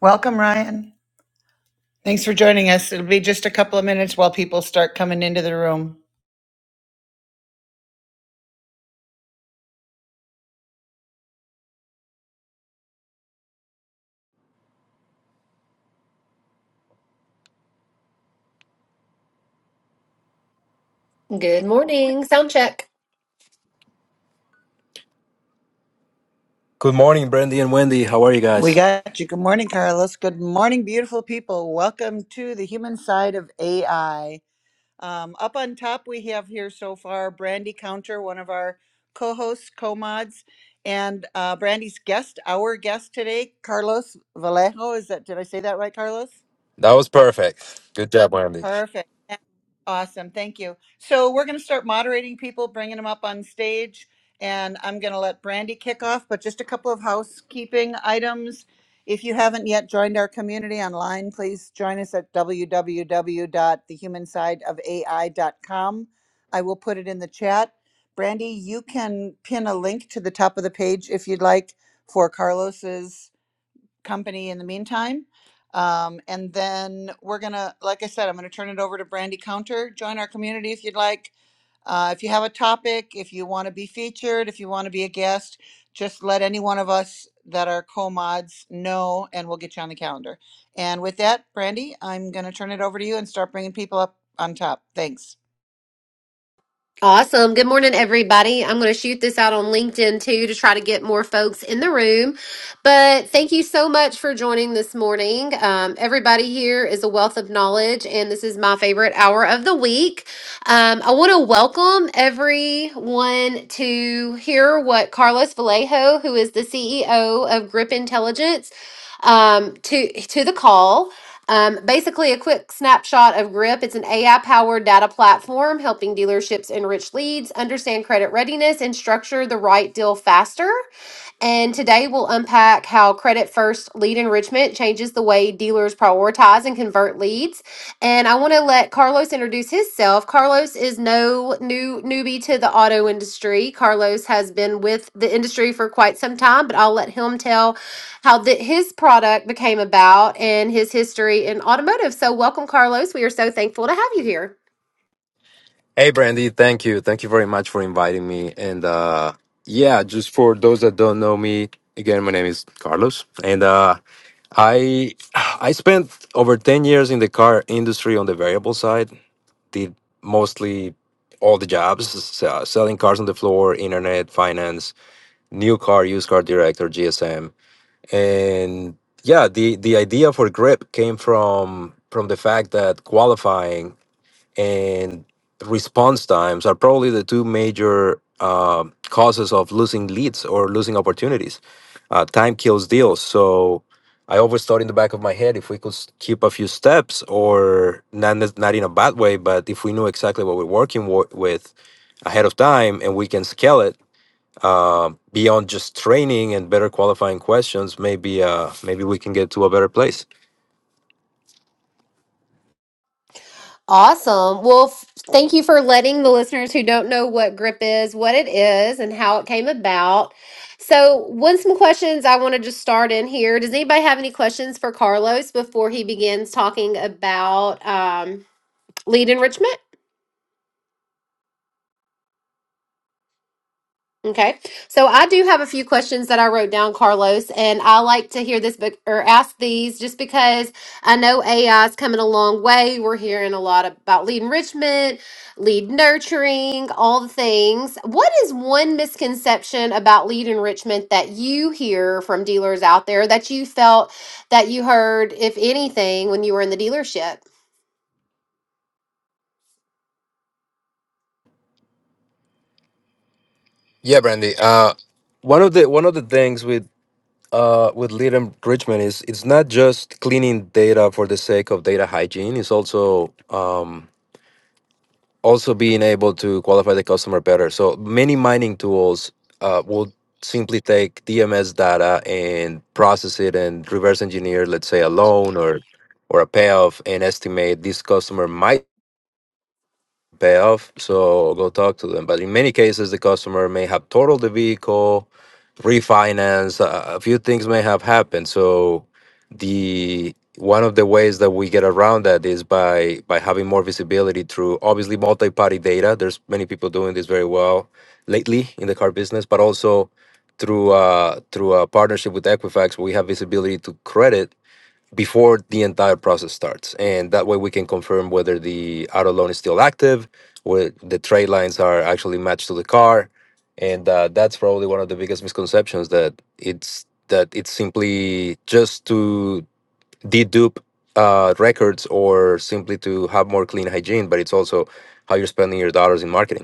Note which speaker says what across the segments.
Speaker 1: Welcome, Ryan. Thanks for joining us. It'll be just a couple of minutes while people start coming into the room.
Speaker 2: Good morning. Sound check.
Speaker 3: Good morning, Brandy and Wendy. How are you
Speaker 1: We
Speaker 3: guys?
Speaker 1: got you. Good morning, Carlos. Good morning, beautiful people. Welcome to the human side of AI. Um, up on top, we have here so far Brandy Counter, one of our co hosts, co mods, and uh, Brandy's guest, our guest today, Carlos Vallejo. Is that, did I say that right, Carlos?
Speaker 3: That was perfect. Good job, Wendy.
Speaker 1: Perfect. That- Awesome. Thank you. So we're going to start moderating people, bringing them up on stage, and I'm going to let Brandy kick off, but just a couple of housekeeping items. If you haven't yet joined our community online, please join us at w w w dot the human side of ai dot com. I will put it in the chat. Brandy, you can pin a link to the top of the page if you'd like for Carlos's company in the meantime. Um, and then we're gonna, like I said, I'm gonna turn it over to Brandy Counter. Join our community if you'd like. Uh, if you have a topic, if you want to be featured, if you want to be a guest, just let any one of us that are co-mods know, and we'll get you on the calendar. And with that, Brandy, I'm gonna turn it over to you and start bringing people up on top. Thanks.
Speaker 2: Awesome. Good morning, everybody. I'm going to shoot this out on LinkedIn too to try to get more folks in the room. But thank you so much for joining this morning. Um, everybody here is a wealth of knowledge, and this is my favorite hour of the week. Um, I want to welcome everyone to hear what Carlos Vallejo, who is the CEO of Grip Intelligence, um, to to the call. Um, basically, a quick snapshot of GRIP. It's an AI powered data platform helping dealerships enrich leads, understand credit readiness, and structure the right deal faster. And today we'll unpack how Credit First Lead Enrichment changes the way dealers prioritize and convert leads. And I want to let Carlos introduce himself. Carlos is no new newbie to the auto industry. Carlos has been with the industry for quite some time, but I'll let him tell how the, his product became about and his history in automotive. So welcome, Carlos. We are so thankful to have you here.
Speaker 3: Hey, Brandy. Thank you. Thank you very much for inviting me. And uh, yeah, just for those that don't know me, again, my name is Carlos, and uh, I I spent over ten years in the car industry on the variable side. Did mostly all the jobs, s- uh, selling cars on the floor, internet, finance, new car, used car director, GSM. and yeah the the idea for grip came from from the fact that qualifying and response times are probably the two major um causes of losing leads or losing opportunities uh, time kills deals so i always thought in the back of my head if we could s- keep a few steps or not nec- not in a bad way but if we knew exactly what we're working wo- with ahead of time and we can scale it uh, beyond just training and better qualifying questions, maybe uh, maybe we can get to a better place.
Speaker 2: Awesome. Well, f- thank you for letting the listeners who don't know what GRIP is, what it is, and how it came about. So, one some questions I want to just start in here. Does anybody have any questions for Carlos before he begins talking about um, lead enrichment? Okay. So I do have a few questions that I wrote down, Carlos, and I like to hear this book or ask these just because I know AI is coming a long way. We're hearing a lot about lead enrichment, lead nurturing, all the things. What is one misconception about lead enrichment that you hear from dealers out there that you felt that you heard, if anything, when you were in the dealership?
Speaker 3: Yeah, Brandy. Uh, one of the one of the things with uh, with lead enrichment is it's not just cleaning data for the sake of data hygiene. It's also um, also being able to qualify the customer better. So many mining tools uh, will simply take DMS data and process it and reverse engineer, let's say, a loan or or a payoff, and estimate this customer might pay off. So go talk to them. But in many cases, the customer may have totaled the vehicle, refinance. Uh, a few things may have happened. So the one of the ways that we get around that is by by having more visibility through obviously multi-party data. There's many people doing this very well lately in the car business, but also through uh, through a partnership with Equifax, we have visibility to credit before the entire process starts. And that way we can confirm whether the auto loan is still active, where the trade lines are actually matched to the car. And uh, that's probably one of the biggest misconceptions that it's that it's simply just to dedupe uh, records or simply to have more clean hygiene, but it's also how you're spending your dollars in marketing.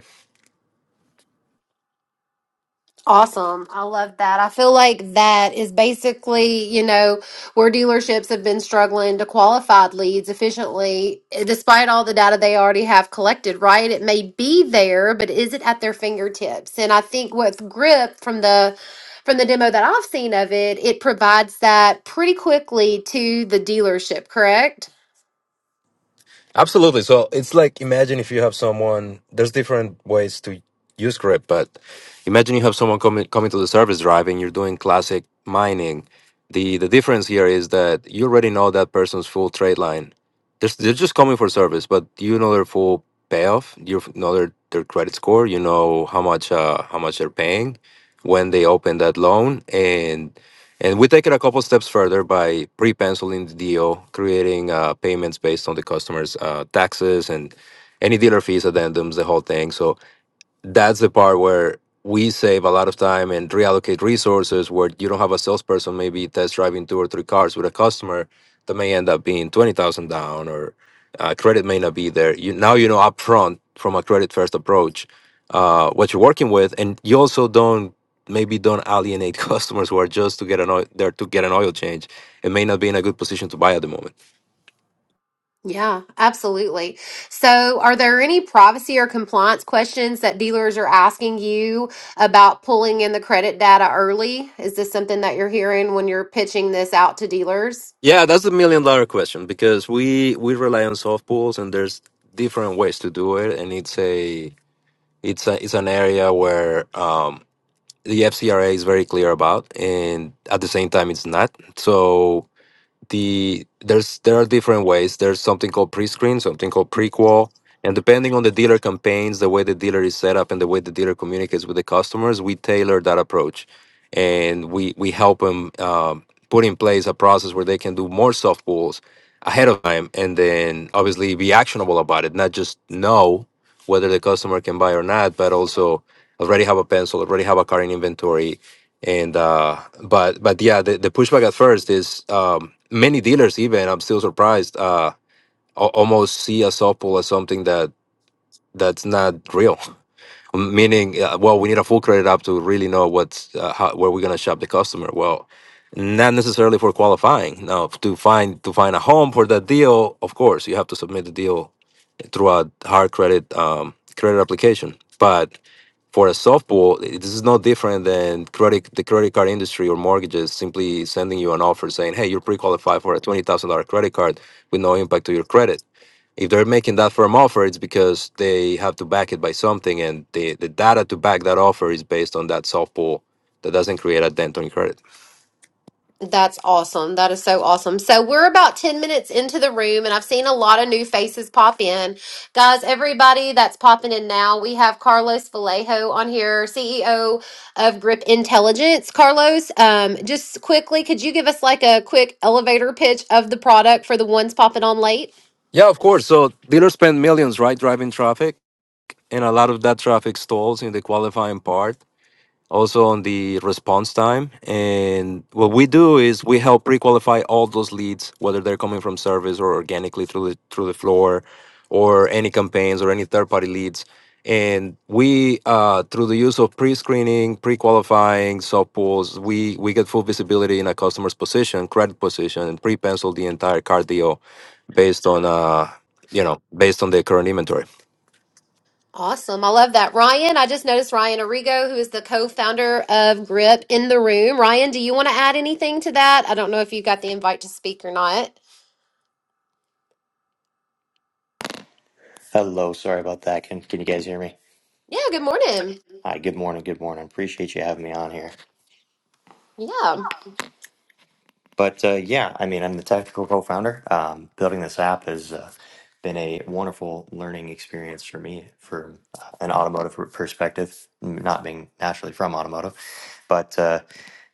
Speaker 2: Awesome. I love that. I feel like that is basically, you know, where dealerships have been struggling to qualify leads efficiently, eh, despite all the data they already have collected, right? It may be there, but is it at their fingertips? And I think with GRIP from the from the demo that I've seen of it, it provides that pretty quickly to the dealership, correct?
Speaker 3: Absolutely. So it's like imagine if you have someone. There's different ways to use grip, but imagine you have someone coming coming to the service drive and you're doing classic mining. The the difference here is that you already know that person's full trade line. They're, they're just coming for service, but you know their full payoff. You know their, their credit score. You know how much uh, how much they're paying when they open that loan, and. And we take it a couple steps further by pre-penciling the deal, creating uh, payments based on the customer's uh, taxes and any dealer fees, addendums, the whole thing. So that's the part where we save a lot of time and reallocate resources where you don't have a salesperson maybe test driving two or three cars with a customer that may end up being 20,000 down or uh, credit may not be there. You, now you know upfront from a credit first approach uh, what you're working with. And you also don't maybe don't alienate customers who are just to get an oil, there to get an oil change and may not be in a good position to buy at the moment.
Speaker 2: Yeah, absolutely. So, are there any privacy or compliance questions that dealers are asking you about pulling in the credit data early? Is this something that you're hearing when you're pitching this out to dealers?
Speaker 3: Yeah, that's the million dollar question because we we rely on softballs and there's different ways to do it and it's a it's a it's an area where um the FCRA is very clear about and at the same time it's not. So the there's there are different ways. There's something called pre-screen, something called prequel, and depending on the dealer campaigns, the way the dealer is set up, and the way the dealer communicates with the customers, we tailor that approach, and we we help them um, put in place a process where they can do more soft pulls ahead of time, and then obviously be actionable about it, not just know whether the customer can buy or not, but also already have a pencil, already have a car in inventory, and uh but but yeah the, the pushback at first is um many dealers even i'm still surprised uh al- almost see a soft pull as something that that's not real meaning uh, well we need a full credit app to really know what's uh, how, where we're going to shop the customer well not necessarily for qualifying now to find to find a home for that deal of course you have to submit the deal through a hard credit um credit application but for a softball, i- this is no different than credit the credit card industry or mortgages simply sending you an offer saying, "Hey, you're pre-qualified for a twenty thousand dollar credit card with no impact to your credit." If they're making that firm offer, it's because they have to back it by something, and the the data to back that offer is based on that softball that doesn't create a dent on your credit.
Speaker 2: That's awesome. That is so awesome. So, we're about 10 minutes into the room, and I've seen a lot of new faces pop in. Guys, everybody that's popping in now, we have Carlos Vallejo on here, CEO of Grip Intelligence. Carlos, um, just quickly, could you give us like a quick elevator pitch of the product for the ones popping on late?
Speaker 3: Yeah, of course. So dealers spend millions, right, driving traffic, and a lot of that traffic stalls in the qualifying part also on the response time. And what we do is we help pre-qualify all those leads, whether they're coming from service or organically through the through the floor, or any campaigns or any third-party leads. And we, uh, through the use of pre-screening, pre-qualifying, sub pools, we we get full visibility in a customer's position, credit position, and pre-pencil the entire card deal based on uh, you know based on the current inventory.
Speaker 2: Awesome. I love that. Ryan, I just noticed Ryan Arrigo, who is the co-founder of GRIP in the room. Ryan, do you want to add anything to that? I don't know if you got the invite to speak or not.
Speaker 4: Hello, sorry about that. Can can you guys hear me?
Speaker 2: Yeah, good morning.
Speaker 4: Hi, good morning, good morning. Appreciate you having me on here.
Speaker 2: Yeah,
Speaker 4: But uh, yeah, I mean, I'm the technical co-founder. Um, building this app has uh, been a wonderful learning experience for me, from uh, an automotive per- perspective, m- not being naturally from automotive, but uh,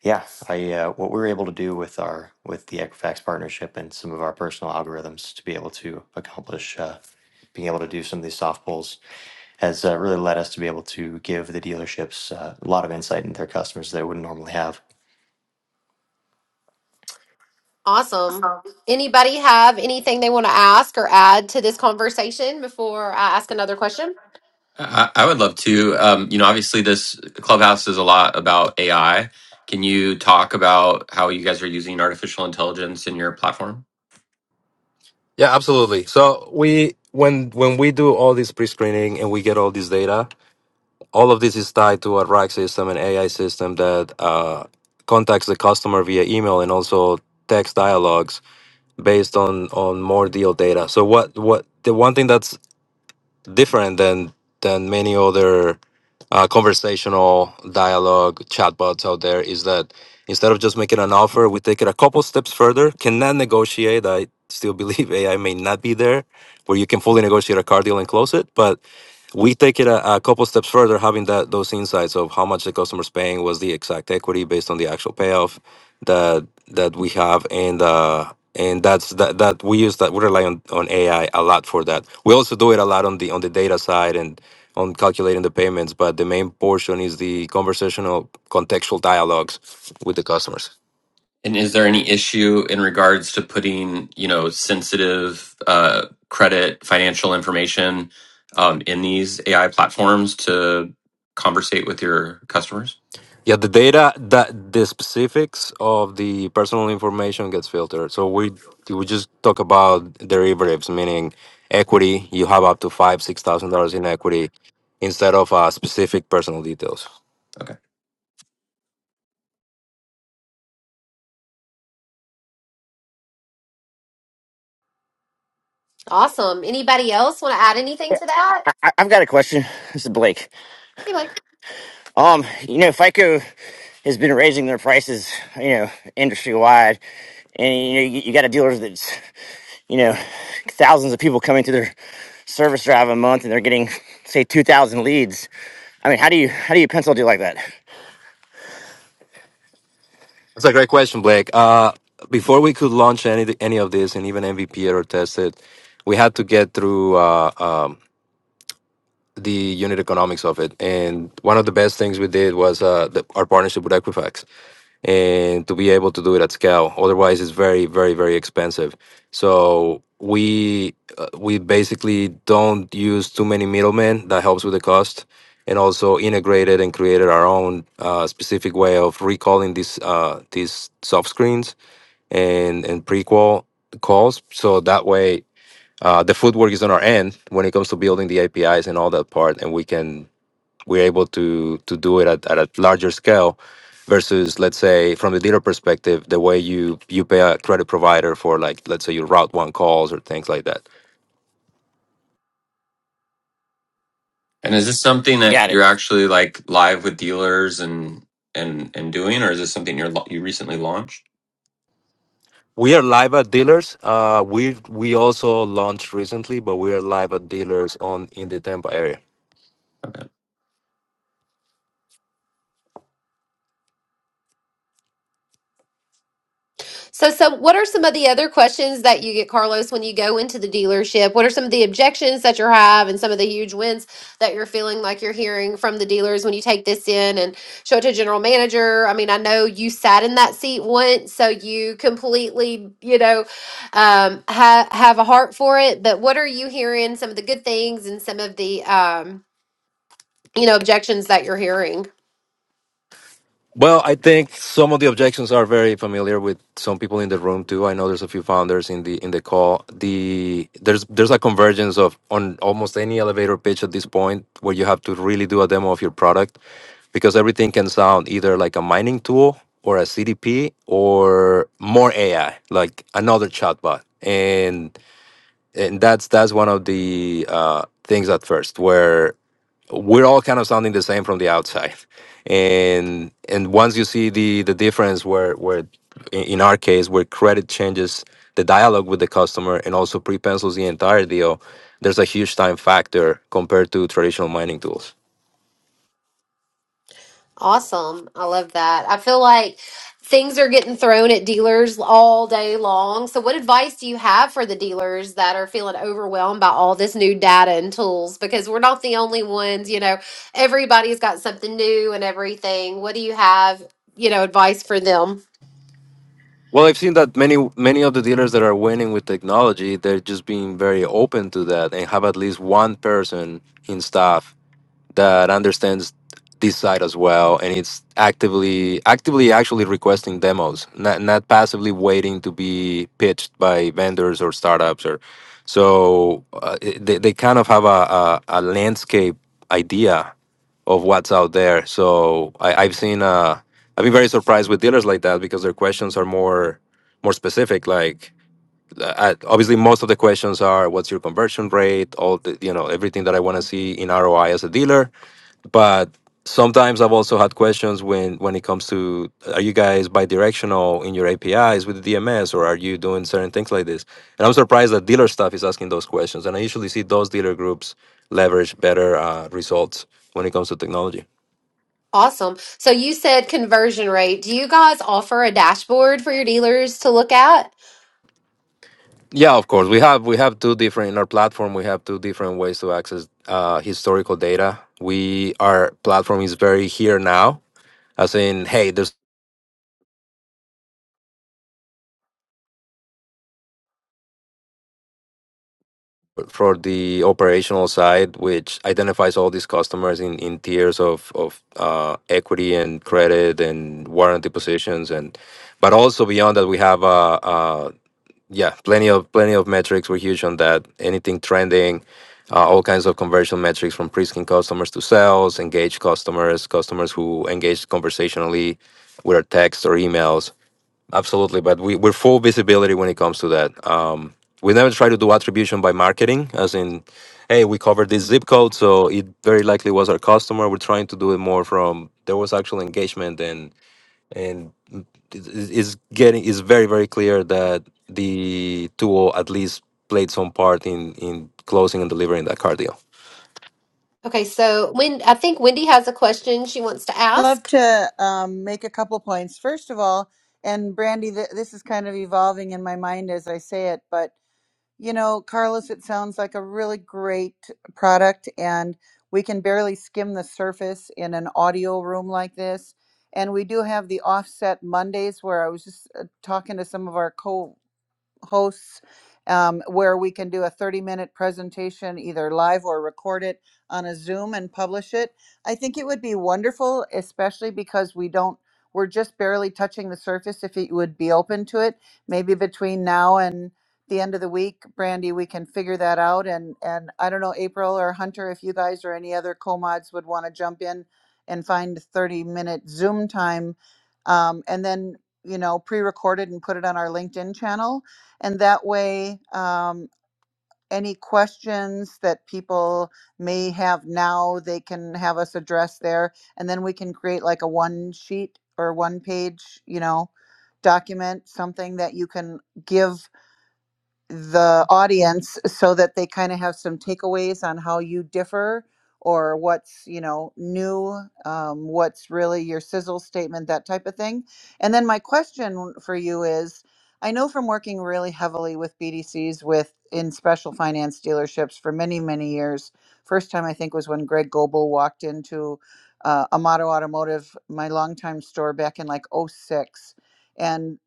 Speaker 4: yeah, I uh, what we were able to do with our with the Equifax partnership and some of our personal algorithms to be able to accomplish uh, being able to do some of these soft pulls has uh, really led us to be able to give the dealerships uh, a lot of insight into their customers they wouldn't normally have.
Speaker 2: awesome. Anybody have anything they want to ask or add to this conversation before I ask another question?
Speaker 5: I, I would love to. Um, you know, obviously, this clubhouse is a lot about AI. Can you talk about how you guys are using artificial intelligence in your platform?
Speaker 3: Yeah, absolutely. So we when when we do all this pre-screening and we get all this data, all of this is tied to a RAG system and AI system that uh, contacts the customer via email and also text dialogues based on on more deal data. So what what the one thing that's different than than many other uh, conversational dialogue chatbots out there is that instead of just making an offer, we take it a couple steps further. Cannot negotiate. I still believe AI may not be there where you can fully negotiate a car deal and close it, but we take it a, a couple steps further, having that those insights of how much the customer's paying, what's the exact equity based on the actual payoff that that we have, and uh, and that's that that we use that we rely on, on AI a lot for that. We also do it a lot on the on the data side and on calculating the payments, but the main portion is the conversational contextual dialogues with the customers.
Speaker 5: And is there any issue in regards to putting, you know, sensitive uh, credit, financial information um, in these AI platforms to conversate with your customers?
Speaker 3: Yeah, the data that the specifics of the personal information gets filtered. So we we just talk about derivatives, meaning equity. You have up to five, six thousand dollars in equity instead of uh, specific personal details.
Speaker 5: Okay.
Speaker 2: Awesome. Anybody else want to add anything to that?
Speaker 6: I, I've got a question. This is Blake.
Speaker 2: Anybody.
Speaker 6: Um, you know, FICO has been raising their prices, you know, industry wide, and you know, you, you got a dealer that's, you know, thousands of people coming to their service drive a month, and they're getting say two thousand leads. I mean, how do you how do you pencil a deal like that?
Speaker 3: That's a great question, Blake. Uh, before we could launch any any of this and even MVP it or test it, we had to get through uh, um, the unit economics of it. And one of the best things we did was uh, the, our partnership with Equifax and to be able to do it at scale. Otherwise, it's very, very, very expensive. So we uh, we basically don't use too many middlemen. That helps with the cost, and also integrated and created our own uh, specific way of recalling these uh, these soft screens and and prequel calls. So that way. Uh, the footwork is on our end when it comes to building the APIs and all that part, and we can we're able to to do it at, at a larger scale versus let's say from the dealer perspective the way you you pay a credit provider for like let's say your route one calls or things like that
Speaker 5: And is this something that
Speaker 6: Got it.
Speaker 5: you're actually like live with dealers and and and doing, or is this something you're lo- you recently launched?
Speaker 3: we are live at dealers uh we we also launched recently but we are live at dealers on in the tampa area
Speaker 5: Okay.
Speaker 2: So, so what are some of the other questions that you get, Carlos, when you go into the dealership? What are some of the objections that you have, and some of the huge wins that you're feeling like you're hearing from the dealers when you take this in and show it to general manager? I mean, I know you sat in that seat once, so you completely, you know, um, ha- have a heart for it. But what are you hearing? Some of the good things and some of the, um, you know, objections that you're hearing.
Speaker 3: Well, I think some of the objections are very familiar with some people in the room too. I know there's a few founders in the in the call. The there's there's a convergence of on almost any elevator pitch at this point where you have to really do a demo of your product because everything can sound either like a mining tool or a CDP or more AI, like another chatbot. And and that's that's one of the uh, things at first where we're all kind of sounding the same from the outside and and once you see the the difference where where in in our case where credit changes the dialogue with the customer and also pre-pencils the entire deal there's a huge time factor compared to traditional mining tools
Speaker 2: Awesome. I love that. I feel like things are getting thrown at dealers all day long. So, what advice do you have for the dealers that are feeling overwhelmed by all this new data and tools? Because we're not the only ones, you know, everybody's got something new and everything. What do you have, you know, advice for them?
Speaker 3: well i've seen that many many of the dealers that are winning with technology they're just being very open to that and have at least one person in staff that understands this side as well and it's actively actively actually requesting demos not not passively waiting to be pitched by vendors or startups or so uh, it- they, they kind of have a, a, a landscape idea of what's out there so I, i've seen uh, i've been very surprised with dealers like that because their questions are more more specific like uh, obviously most of the questions are what's your conversion rate all the you know everything that i want to see in roi as a dealer but sometimes i've also had questions when when it comes to are you guys bi-directional in your apis with the dms or are you doing certain things like this and i'm surprised that dealer stuff is asking those questions and i usually see those dealer groups leverage better uh, results when it comes to technology
Speaker 2: Awesome. So, you said conversion rate. Do you guys offer a dashboard for your dealers to look at?
Speaker 3: yeah of course we have we have two different in our platform we have two different ways to access uh, historical data we our platform is very here now as in hey there's for the operational side, which identifies all these customers in, in tiers of, of uh, equity and credit and warranty positions and but also beyond that we have uh, uh, yeah plenty of plenty of metrics we're huge on that anything trending uh, all kinds of conversion metrics from pre-screen customers to sales engaged customers customers who engage conversationally with our text or emails Absolutely, but we, we're full visibility when it comes to that. Um, we never try to do attribution by marketing, as in, hey, we covered this zip code, so it very likely was our customer. We're trying to do it more from there was actual engagement, and and it- it- it's getting it's very very clear that the tool at least played some part in in closing and delivering that car deal.
Speaker 2: Okay, so when I think Wendy has a question she wants to
Speaker 1: I'd Love
Speaker 2: ask.
Speaker 1: to um, make a couple points. First of all, and Brandy, th- this is kind of evolving in my mind as I say it, but You know, Carlos, it sounds like a really great product, and we can barely skim the surface in an audio room like this. And we do have the offset Mondays where I was just uh, talking to some of our co hosts um, where we can do a 30 minute presentation, either live or record it on a Zoom and publish it. I think it would be wonderful, especially because we don't, we're just barely touching the surface if you would be open to it. Maybe between now and the end of the week, Brandy, we can figure that out. And, and I don't know, April or Hunter, if you guys or any other co-mods would want to jump in and find 30 minute Zoom time. Um, and then, you know, pre-recorded and put it on our LinkedIn channel and that way, um, any questions that people may have now, they can have us address there. And then we can create like a one sheet or one page, you know, document, something that you can give the audience so that they kind of have some takeaways on how you differ or what's you know new um, what's really your sizzle statement that type of thing and then my question for you is i know from working really heavily with bdcs with in special finance dealerships for many many years first time i think was when greg goebel walked into uh, amato automotive my longtime store back in like '06, and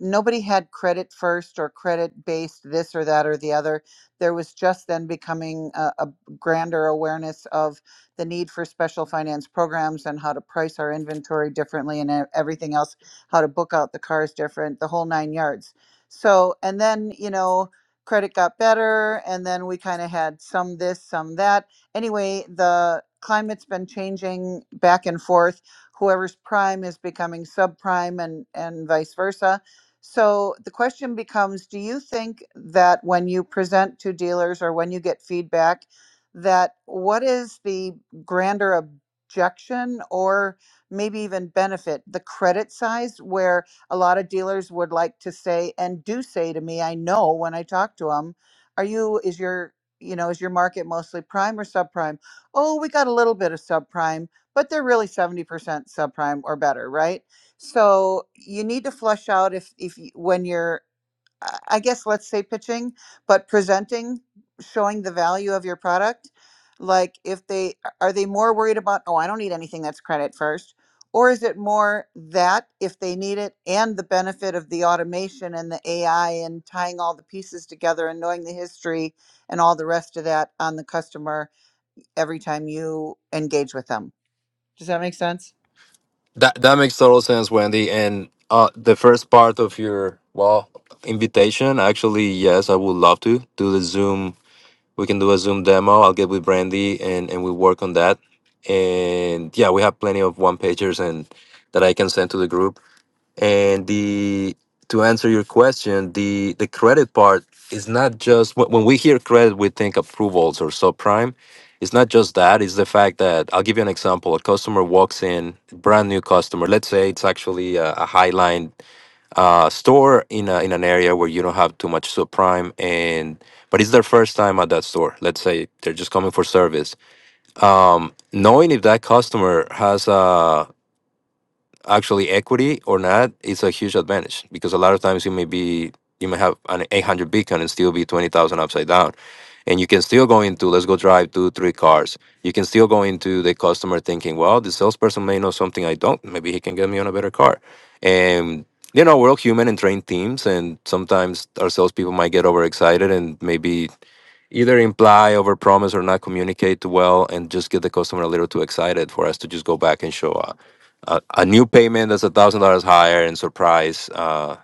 Speaker 1: nobody had credit first or credit based this or that or the other. There was just then becoming a, a grander awareness of the need for special finance programs and how to price our inventory differently and e- everything else, how to book out the cars different, the whole nine yards. So, and then, you know, credit got better and then we kind of had some this, some that. Anyway, the climate's been changing back and forth whoever's prime is becoming subprime and and vice versa so the question becomes, do you think that when you present to dealers or when you get feedback, that what is the grander objection or maybe even benefit? The credit size, where a lot of dealers would like to say and do say to me, I know when I talk to them, are you, is your, you know, is your market mostly prime or subprime? Oh, we got a little bit of subprime, but they're really 70% subprime or better, right? So you need to flush out if if you, when you're I I guess let's say pitching, but presenting, showing the value of your product. Like if they are they more worried about, oh, I don't need anything that's credit first, or is it more that if they need it and the benefit of the automation and the AI and tying all the pieces together and knowing the history and all the rest of that on the customer every time you engage with them. Does that make sense?
Speaker 3: That that makes total sense, Wendy. And uh, the first part of your well invitation, actually, yes, I would love to do the Zoom we can do a Zoom demo. I'll get with Brandy and and we work on that. And yeah, we have plenty of one pagers and that I can send to the group. And the to answer your question, the the credit part is not just when when we hear credit, we think approvals or subprime. It's not just that. It's the fact that I'll give you an example. A customer walks in, brand new customer. Let's say it's actually a, a Highline uh, store in a, in an area where you don't have too much subprime and but it's their first time at that store let's say they're just coming for service um, knowing if that customer has a actually equity or not, it's a huge advantage because a lot of times you may be you may have an 800 beacon and still be 20,000 upside down. And you can still go into let's go drive two, three cars. You can still go into the customer thinking, well, the salesperson may know something I don't. Maybe he can get me on a better car. And you know, we're all human and trained teams, and sometimes our salespeople might get overexcited and maybe either imply overpromise or not communicate well and just get the customer a little too excited for us to just go back and show a, a, a new payment that's a thousand dollars higher and surprise uh,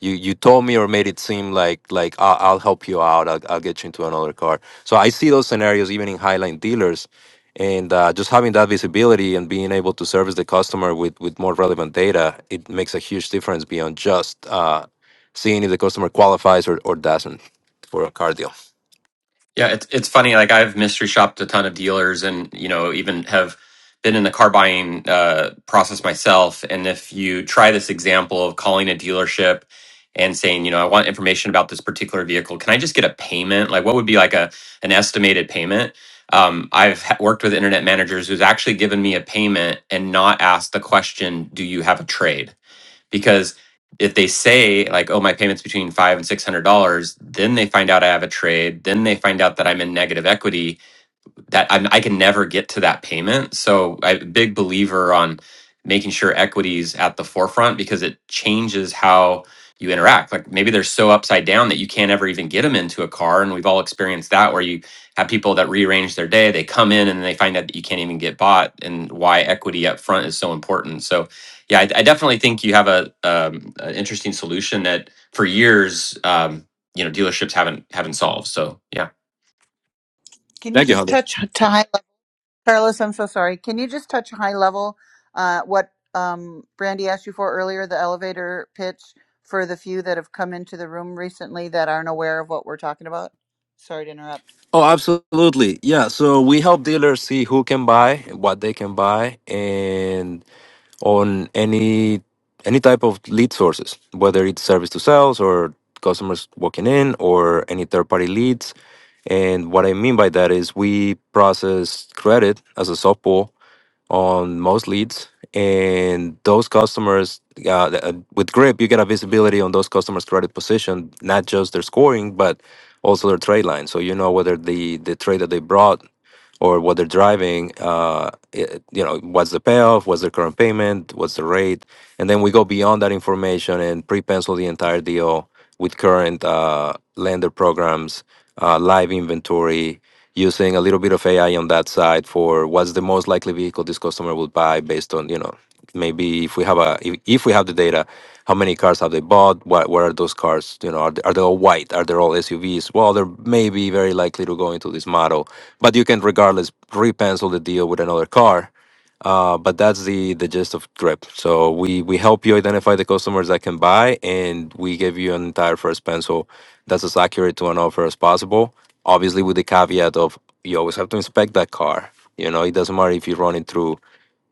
Speaker 3: you you told me or made it seem like like I'll, I'll help you out I'll, I'll get you into another car so I see those scenarios even in highline dealers and uh, just having that visibility and being able to service the customer with with more relevant data it makes a huge difference beyond just uh, seeing if the customer qualifies or, or doesn't for a car deal
Speaker 5: Yeah, it's it's funny. Like I've mystery shopped a ton of dealers, and you know, even have been in the car buying uh, process myself. And if you try this example of calling a dealership and saying, you know, I want information about this particular vehicle, can I just get a payment? Like, what would be like a an estimated payment? Um, I've ha- worked with internet managers who's actually given me a payment and not asked the question, "Do you have a trade?" because if they say like oh my payments between five and six hundred dollars then they find out i have a trade then they find out that i'm in negative equity that I'm, I can never get to that payment. So I'm a big believer on making sure equities at the forefront because it changes how you interact. Like maybe they're so upside down that you can't ever even get them into a car. And we've all experienced that where you have people that rearrange their day, they come in and they find out that you can't even get bought and why equity up front is so important. So yeah, I, I definitely think you have a, um, an interesting solution that for years, um, you know, dealerships haven't, haven't solved. So yeah.
Speaker 1: Can you
Speaker 3: Thank you,
Speaker 1: just
Speaker 3: Hunter.
Speaker 1: touch to highlight? Carlos, I'm so sorry. Can you just touch high level uh, what um, Brandy asked you for earlier, the elevator pitch for the few that have come into the room recently that aren't aware of what we're talking about? Sorry to interrupt.
Speaker 3: Oh, absolutely. Yeah. So we help dealers see who can buy, what they can buy, and on any any type of lead sources, whether it's service to sales or customers walking in or any third party leads. And what I mean by that is we process credit as a soft pool on most leads and those customers uh, th- uh, with grip you get a visibility on those customers credit position not just their scoring but also their trade line so you know whether the the trade that they brought or what they're driving. Uh, it, you know, what's the payoff? What's their current payment? What's the rate? And then we go beyond that information and pre-pencil the entire deal with current uh, lender programs, uh, live inventory, using a little bit of AI on that side for what's the most likely vehicle this customer will buy based on you know maybe if we have a if, if we have the data how many cars have they bought what what are those cars you know are they, are they all white are they all suvs well they're maybe very likely to go into this model but you can regardless repencil the deal with another car uh, but that's the the gist of drip so we we help you identify the customers that can buy and we give you an entire first pencil that's as accurate to an offer as possible obviously with the caveat of you always have to inspect that car you know it doesn't matter if you run it through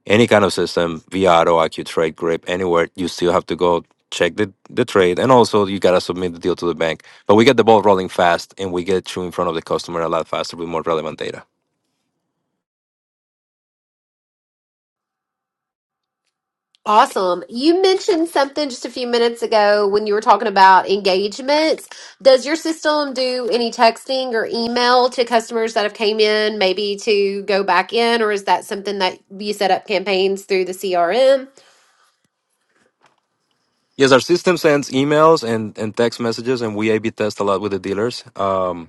Speaker 3: any kind of system, Viato, or IQ trade grip, anywhere, you still have to go check the, the trade and also you gotta submit the deal to the bank. But we get the ball rolling fast and we get you in front of the customer a lot faster with more relevant data.
Speaker 2: Awesome. You mentioned something just a few minutes ago when you were talking about engagements. Does your system do any texting or email to customers that have came in, maybe to go back in, or is that something that you set up campaigns through the CRM?
Speaker 3: Yes, our system sends emails and, and text messages and we A B test a lot with the dealers. Um,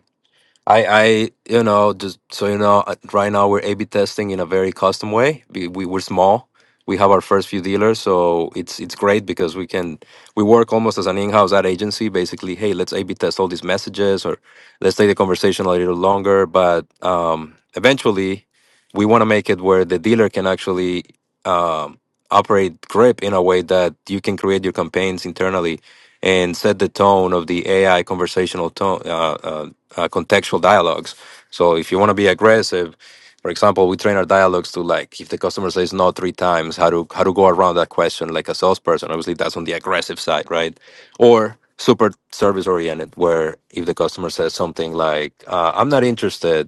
Speaker 3: I, I, you know, just so you know, uh, right now we're A/B testing in a very custom way. We, we we're small. We have our first few dealers, so it's it's great because we can we work almost as an in-house ad agency. Basically, hey, let's A/B test all these messages, or let's take the conversation a little longer. But um, eventually, we want to make it where the dealer can actually um, operate grip in a way that you can create your campaigns internally and set the tone of the AI conversational tone, uh, uh, uh, contextual dialogues. So if you want to be aggressive, for example, we train our dialogues to like if the customer says no three times, how to how to go around that question like a salesperson. Obviously, that's on the aggressive side, right? Or super service oriented, where if the customer says something like uh, "I'm not interested,"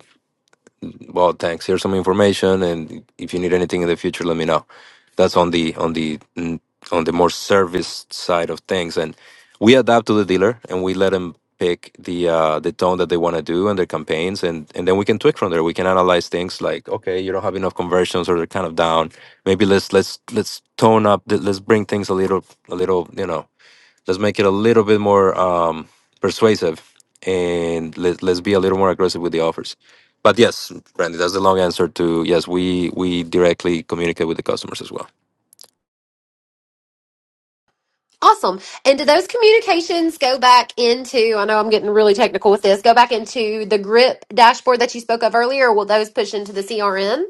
Speaker 3: well, thanks. Here's some information, and if you need anything in the future, let me know. That's on the on the mm, on the more service side of things, and we adapt to the dealer, and we let them pick the uh, the tone that they want to do and their campaigns, and and then we can tweak from there. We can analyze things like, okay, you don't have enough conversions, or they're kind of down. Maybe let's let's let's tone up. th- Let's bring things a little a little, you know. Let's make it a little bit more um, persuasive, and let, let's be a little more aggressive with the offers. But yes, Randy, that's the long answer to yes. We we directly communicate with the customers as well.
Speaker 2: Awesome. And do those communications go back into, I know I'm getting really technical with this, go back into the GRIP dashboard that you spoke of earlier, or will those push into the CRM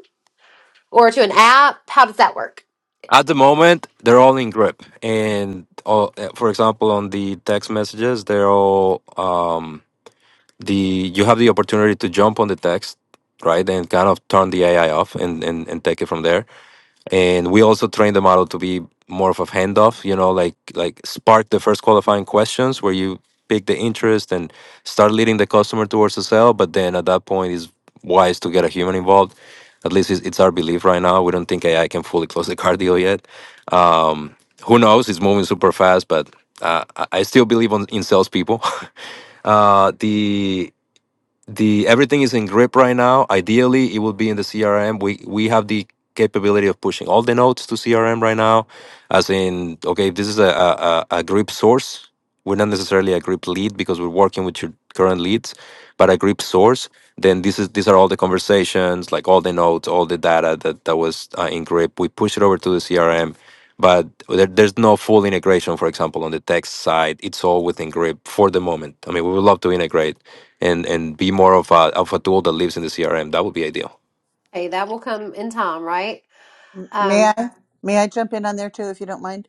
Speaker 2: or to an app? How does that work?
Speaker 3: At the moment, they're all in grip, and all, eh, for example, on the text messages, they're all um, the you have the opportunity to jump on the text, right, and kind of turn the AI off and and, and take it from there and we also train the model to be more of a handoff you know like like spark the first qualifying questions where you pick the interest and start leading the customer towards the sale but then at that point it's wise to get a human involved at least it's, it's our belief right now we don't think ai can fully close the car deal yet um, who knows it's moving super fast but uh, i I still believe on, in salespeople uh, the the everything is in grip right now. Ideally, it will be in the CRM. We we have the capability of pushing all the nodes to CRM right now, as in okay, if this is a a, a a grip source. We're not necessarily a grip lead because we're working with your current leads, but a grip source. Then this is these are all the conversations, like all the notes, all the data that that was uh, in grip. We push it over to the CRM, but there, there's no full integration. For example, on the text side, it's all within grip for the moment. I mean, we would love to integrate and and be more of a of a tool that lives in the CRM. That would be ideal.
Speaker 2: Hey, that will come in time, right?
Speaker 1: M- May
Speaker 2: Um,
Speaker 1: I may I jump in on there too, if you don't mind?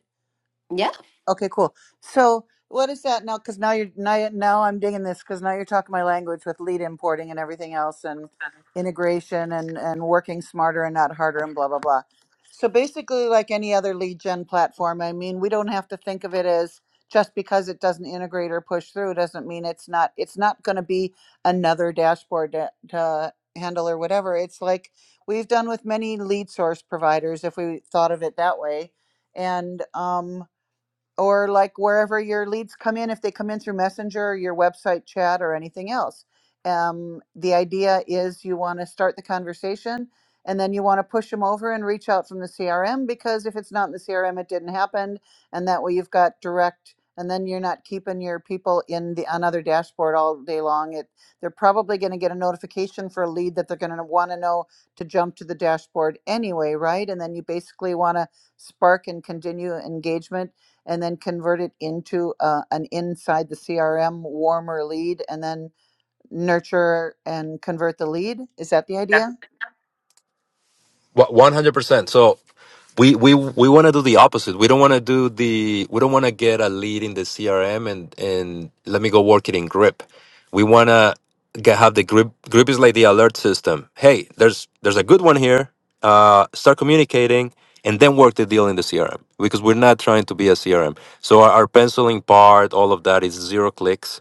Speaker 2: yeah.
Speaker 1: Okay, cool. So what is that now? Because now you're now, now I'm digging this because now you're talking my language with lead importing and everything else and integration and and working smarter and not harder and blah blah blah. So basically, like any other lead gen platform, I mean, we don't have to think of it as just because it doesn't integrate or push through doesn't mean it's not it's not going to be another dashboard to, to handle or whatever. It's like we've done with many lead source providers if we thought of it that way and um or like wherever your leads come in, if they come in through Messenger, or your website chat, or anything else. Um, the idea is you want to start the conversation and then you want to push them over and reach out from the CRM because if it's not in the CRM, it didn't happen. And that way you've got direct, and then you're not keeping your people in the on other dashboard all day long. It they're probably going to get a notification for a lead that they're going to want to know to jump to the dashboard anyway, right? And then you basically want to spark and continue engagement and then convert it into uh, an inside the CRM warmer lead and then nurture and convert the lead. Is that the idea?
Speaker 3: One hundred percent. So We we we want to do the opposite. We don't want to do the we don't want to get a lead in the CRM and and let me go work it in Grip. We want to get have the Grip Grip is like the alert system. Hey, there's there's a good one here. Uh, start communicating and then work the deal in the CRM because we're not trying to be a CRM. So our, our penciling part, all of that is zero clicks.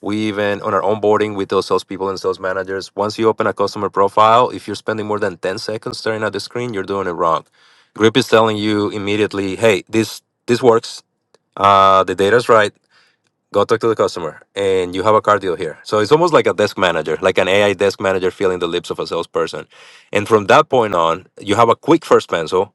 Speaker 3: We even on our onboarding, we tell salespeople and sales managers once you open a customer profile, if you're spending more than 10 seconds staring at the screen, you're doing it wrong. Grip is telling you immediately, hey, this this works. Uh, the data's right go talk to the customer and you have a car deal here so it's almost like a desk manager like an ai desk manager feeling the lips of a salesperson and from that point on you have a quick first pencil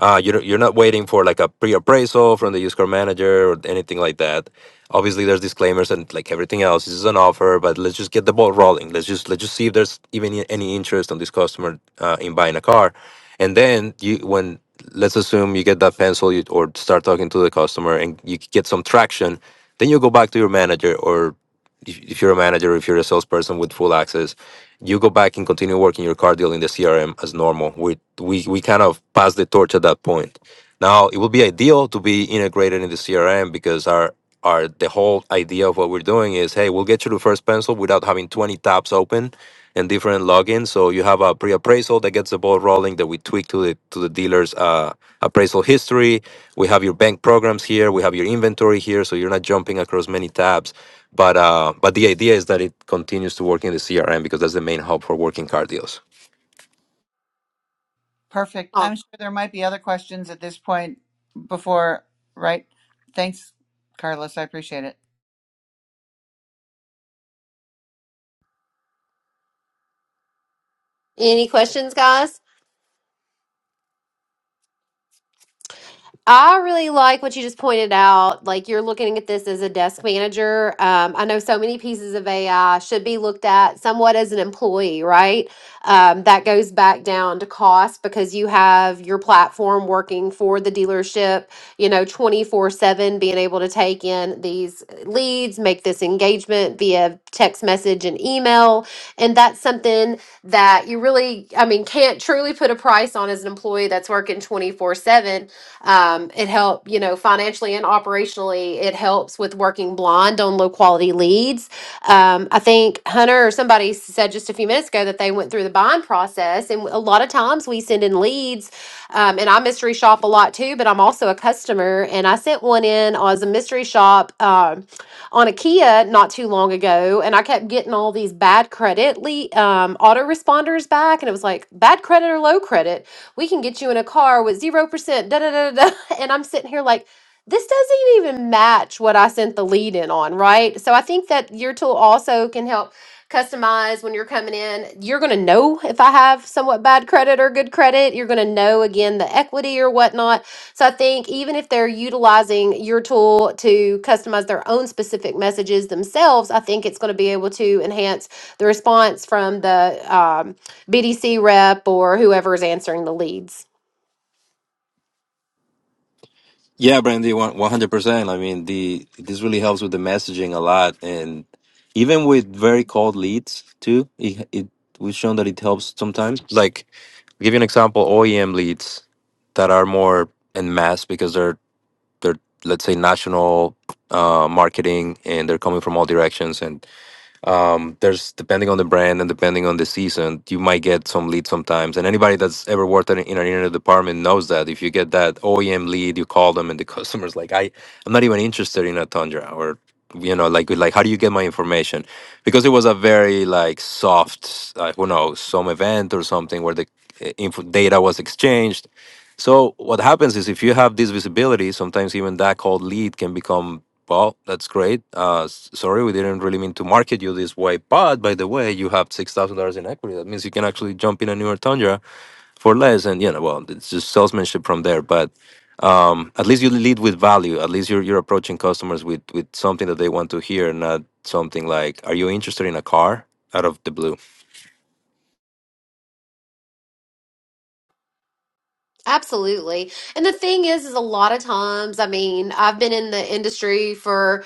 Speaker 3: uh, you're, you're not waiting for like a pre-appraisal from the used car manager or anything like that obviously there's disclaimers and like everything else this is an offer but let's just get the ball rolling let's just let's just see if there's even any interest on this customer uh, in buying a car and then you when let's assume you get that pencil you, or start talking to the customer and you get some traction then you go back to your manager, or if, if you're a manager, if you're a salesperson with full access, you go back and continue working your car deal in the CRM as normal. We we we kind of pass the torch at that point. Now it would be ideal to be integrated in the CRM because our our the whole idea of what we're doing is hey we'll get you the first pencil without having 20 tabs open and different logins. So you have a pre-appraisal that gets the ball rolling that we tweak to the to the dealer's uh, appraisal history. We have your bank programs here. We have your inventory here, so you're not jumping across many tabs. But uh, but the idea is that it continues to work in the CRM because that's the main hub for working car deals.
Speaker 1: Perfect.
Speaker 2: Oh,
Speaker 1: I'm sure there might be other questions at this point before, right? Thanks, Carlos. I appreciate it.
Speaker 2: any questions, guys? I really like what you just pointed out. Like you're looking at this as a desk manager. Um, I know so many pieces of AI should be looked at somewhat as an employee, right? Um, that goes back down to cost because you have your platform working for the dealership, you know, 24 7, being able to take in these leads, make this engagement via text message and email. And that's something that you really, I mean, can't truly put a price on as an employee that's working 24 7 um, it helped, you know, financially and operationally. It helps with working blind on low quality leads. Um, I think Hunter or somebody said just a few minutes ago that they went through the buying process, and a lot of times we send in leads, um, and I mystery shop a lot too. But I'm also a customer, and I sent one in as a mystery shop um, on a Kia not too long ago, and I kept getting all these bad credit le- um, autoresponders back, and it was like bad credit or low credit, we can get you in a car with 0%, da da da da. da." And I'm sitting here like, this doesn't even match what I sent the lead in on, right? So I think that your tool also can help customize when you're coming in. You're going to know if I have somewhat bad credit or good credit. You're going to know again the equity or whatnot. So I think even if they're utilizing your tool to customize their own specific messages themselves, I think it's going to be able to enhance the response from the um, BDC rep or whoever is answering the leads.
Speaker 3: Yeah, Brandy, one hundred percent. I mean, the this really helps with the messaging a lot, and even with very cold leads too. It, it we've shown that it helps sometimes. Like, I'll give you an example: OEM leads that are more en masse because they're they're let's say national uh, marketing, and they're coming from all directions, and um, there's depending on the brand and depending on the season, you might get some lead sometimes. And anybody that's ever worked in in an internet department knows that if you get that OEM lead, you call them and the customer's like, I, I'm not even interested in a Tundra or you know, like like how do you get my information? Because it was a very like soft, uh, who knows, some event or something where the uh, info data was exchanged. So what happens is if you have this visibility, sometimes even that cold lead can become well, that's great. Uh, s- sorry, we didn't really mean to market you this way. But by the way, you have six thousand dollars in equity. That means you can actually jump in a newer Tundra for less, and you know, well, it's just salesmanship from there. But um, at least you lead with value. At least you're you're approaching customers with with something that they want to hear, not something like, "Are you interested in a car?" out of the blue.
Speaker 2: Absolutely. And the thing is, is a lot of times, I mean, I've been in the industry for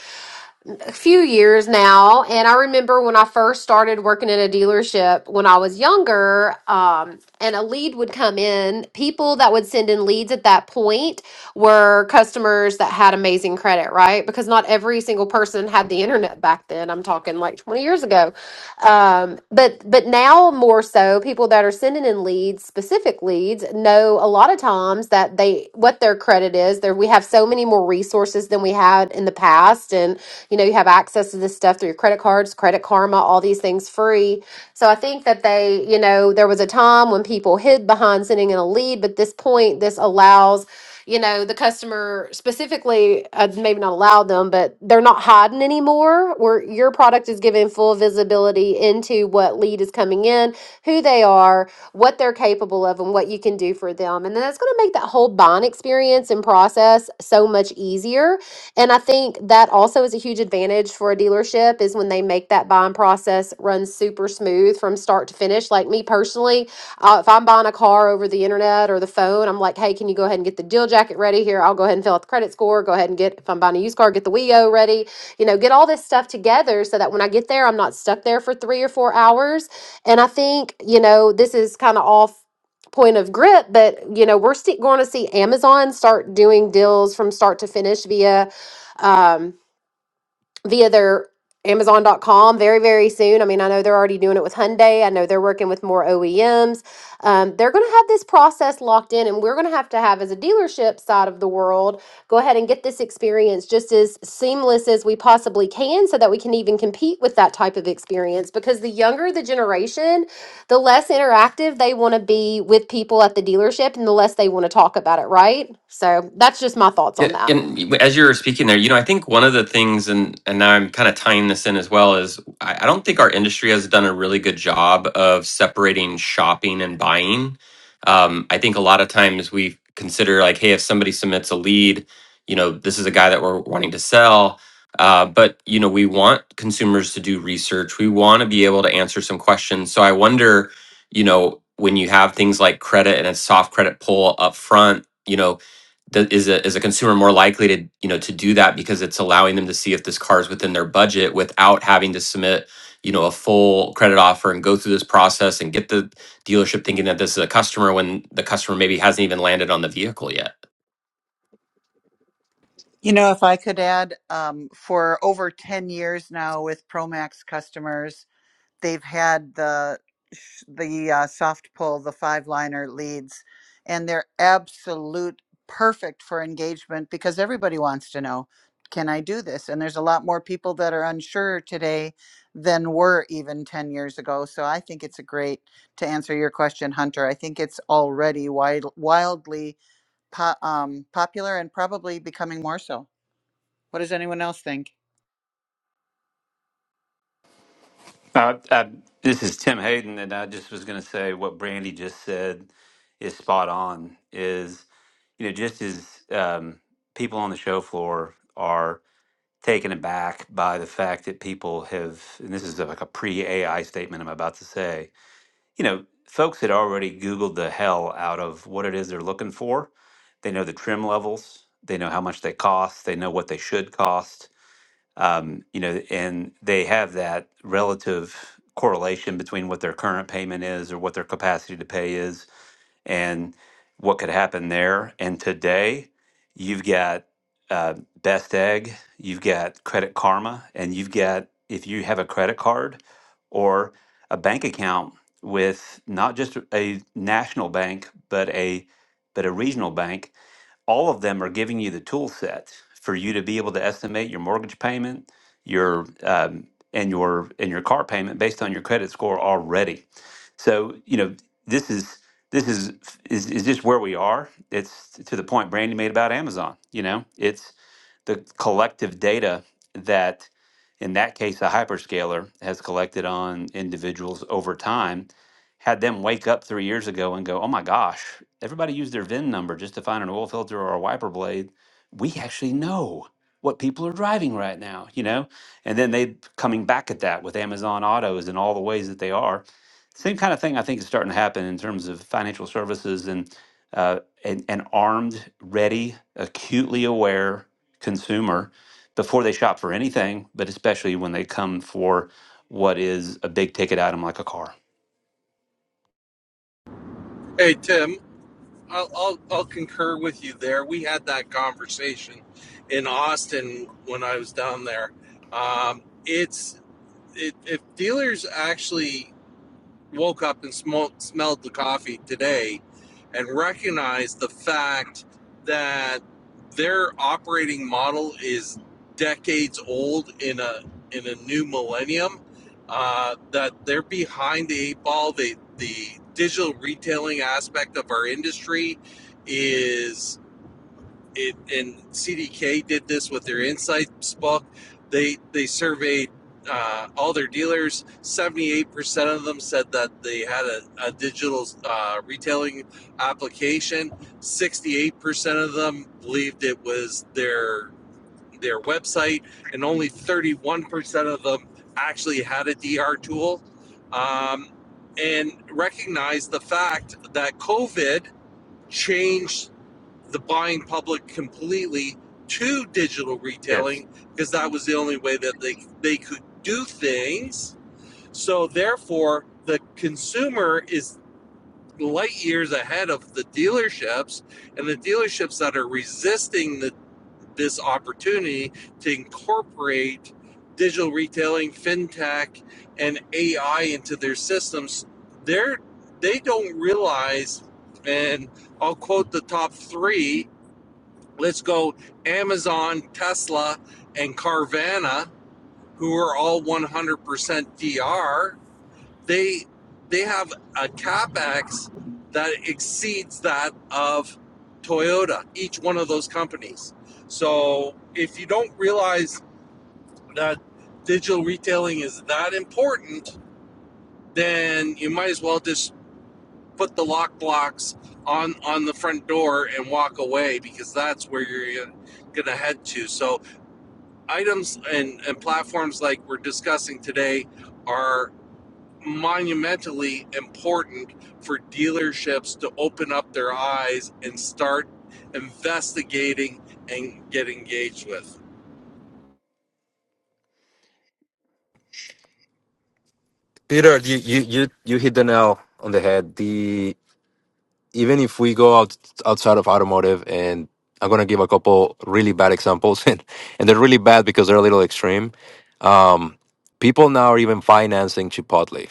Speaker 2: been a few years now, and I remember when I first started working in a dealership when I was younger, um, and a lead would come in. People that would send in leads at that point were customers that had amazing credit, right? Because not every single person had the internet back then. I'm talking like 20 years ago. Um, but but now more so, people that are sending in leads, specific leads, know a lot of times that they what their credit is. There we have so many more resources than we had in the past, and you know you have access to this stuff through your credit cards, Credit Karma, all these things free. So I think that they, you know, there was a time when people hid behind sending in a lead, but this point this allows you know the customer specifically uh, maybe not allow them but they're not hiding anymore where your product is giving full visibility into what lead is coming in who they are what they're capable of and what you can do for them and then that's going to make that whole buying experience and process so much easier easier. And I think that also is a huge advantage for a dealership is when they make that buying process run super smooth from start to finish. Like me personally, uh, if I'm buying a car over the internet or the phone, I'm like, hey, can you go ahead and get the deal jacket ready here? I'll go ahead and fill out the credit score. Go ahead and get, if I'm buying a used car, get the WIO ready. You know, get all this stuff together so that when I get there, I'm not stuck there for three or four hours. And I think, you know, this is kind of off point of grip, but you know we're see, going to see amazon start doing deals from start to finish via um, via their Amazon.com very, very soon. I mean, I know they're already doing it with Hyundai. I know they're working with more OEMs. Um, they're going to have this process locked in, and we're going to have to have, as a dealership side of the world, go ahead and get this experience just as seamless as we possibly can so that we can even compete with that type of experience. Because the younger the generation, the less interactive they want to be with people at the dealership and the less they want to talk about it, right? So that's just my thoughts on
Speaker 5: Yeah,
Speaker 2: that.
Speaker 5: and y- as you were speaking there, you know, I think one of the things, and and now I'm kind of tying this in as well, is I, I don't think our industry has done a really good job of separating shopping and buying. Um, I think a lot of times we consider like, hey, if somebody submits a lead, you know, this is a guy that we're wanting to sell. Uh, but you know, we want consumers to do research. We want to be able to answer some questions. So I wonder, you know, when you have things like credit and a soft credit pull up front, you know Th- is a is a consumer more likely to you know to do that because it's allowing them to see if this car is within their budget without having to submit you know a full credit offer and go through this process and get the dealership thinking that this is a customer when the customer maybe hasn't even landed on the vehicle yet
Speaker 1: You know, if I could add, um, for over 10 years now with Promax customers, they've had the the uh, soft pull, the five liner leads, and they're absolute perfect for engagement because everybody wants to know, can I do this? And there's a lot more people that are unsure today than were even 10 years ago. So I think it's a great to answer your question, Hunter. I think it's already wide, wildly po- um, popular and probably becoming more so. What does anyone else think?
Speaker 7: Uh, I, this is Tim Hayden, and I just was going to say what Brandy just said is spot on. Is you know just as um, people on the show floor are taken aback by the fact that people have, and this is like a pre-AI statement I'm about to say. You know, folks had already Googled the hell out of what it is they're looking for. They know the trim levels. They know how much they cost. They know what they should cost um, you know, and they have that relative correlation between what their current payment is or what their capacity to pay is and what could happen there. And today, you've got uh, Best Egg, you've got Credit Karma, and you've got, if you have a credit card or a bank account with not just a national bank, but a but a regional bank, all of them are giving you the tool set for you to be able to estimate your mortgage payment, your um, and your and your car payment based on your credit score already. So you know this is this is is, is just where we are. It's to the point Brandy made about Amazon. You know, it's the collective data that in that case a hyperscaler has collected on individuals over time had them wake up three years ago and go, oh my gosh, everybody used their VIN number just to find an oil filter or a wiper blade. We actually know what people are driving right now, you know? And then they coming back at that with Amazon autos and all the ways that they are. Same kind of thing I think is starting to happen in terms of financial services and uh, an, an armed, ready, acutely aware consumer before they shop for anything, but especially when they come for what is a big ticket item like a car.
Speaker 8: Hey Tim, I'll, I'll I'll concur with you there. We had that conversation in Austin when I was down there. Um, it's it, if dealers actually woke up and smoked, smelled the coffee today and recognized the fact that their operating model is decades old in a in a new millennium uh, that they're behind the eight ball the the digital retailing aspect of our industry is it and CDK did this with their insights book. They they surveyed uh, all their dealers. Seventy eight percent of them said that they had a, a digital uh, retailing application. Sixty eight percent of them believed it was their their website, and only thirty one percent of them actually had a DR tool. Um, and recognize the fact that COVID changed the buying public completely to digital
Speaker 7: Yes.
Speaker 8: retailing because that was the only way that they they could do things. So therefore, the consumer is light years ahead of the dealerships, and the dealerships that are resisting the, this opportunity to incorporate digital retailing, fintech, and AI into their systems, they're they don't realize. And I'll quote the top three Let's go Amazon, Tesla, and Carvana, who are all 100% DR. They they have a capex that exceeds that of Toyota. Each one of those companies. So if you don't realize that digital retailing is that important, then you might as well just put the lock blocks on on the front door and walk away because that's where you're going to head to. So items and, and platforms like we're discussing today are monumentally important for dealerships to open up their eyes and start investigating and get engaged with.
Speaker 3: Peter, you you you you hit the nail on the head. The even if we go out outside of automotive and i'm going to give a couple really bad examples and, and they're really bad because they're a little extreme um, people now are even financing chipotle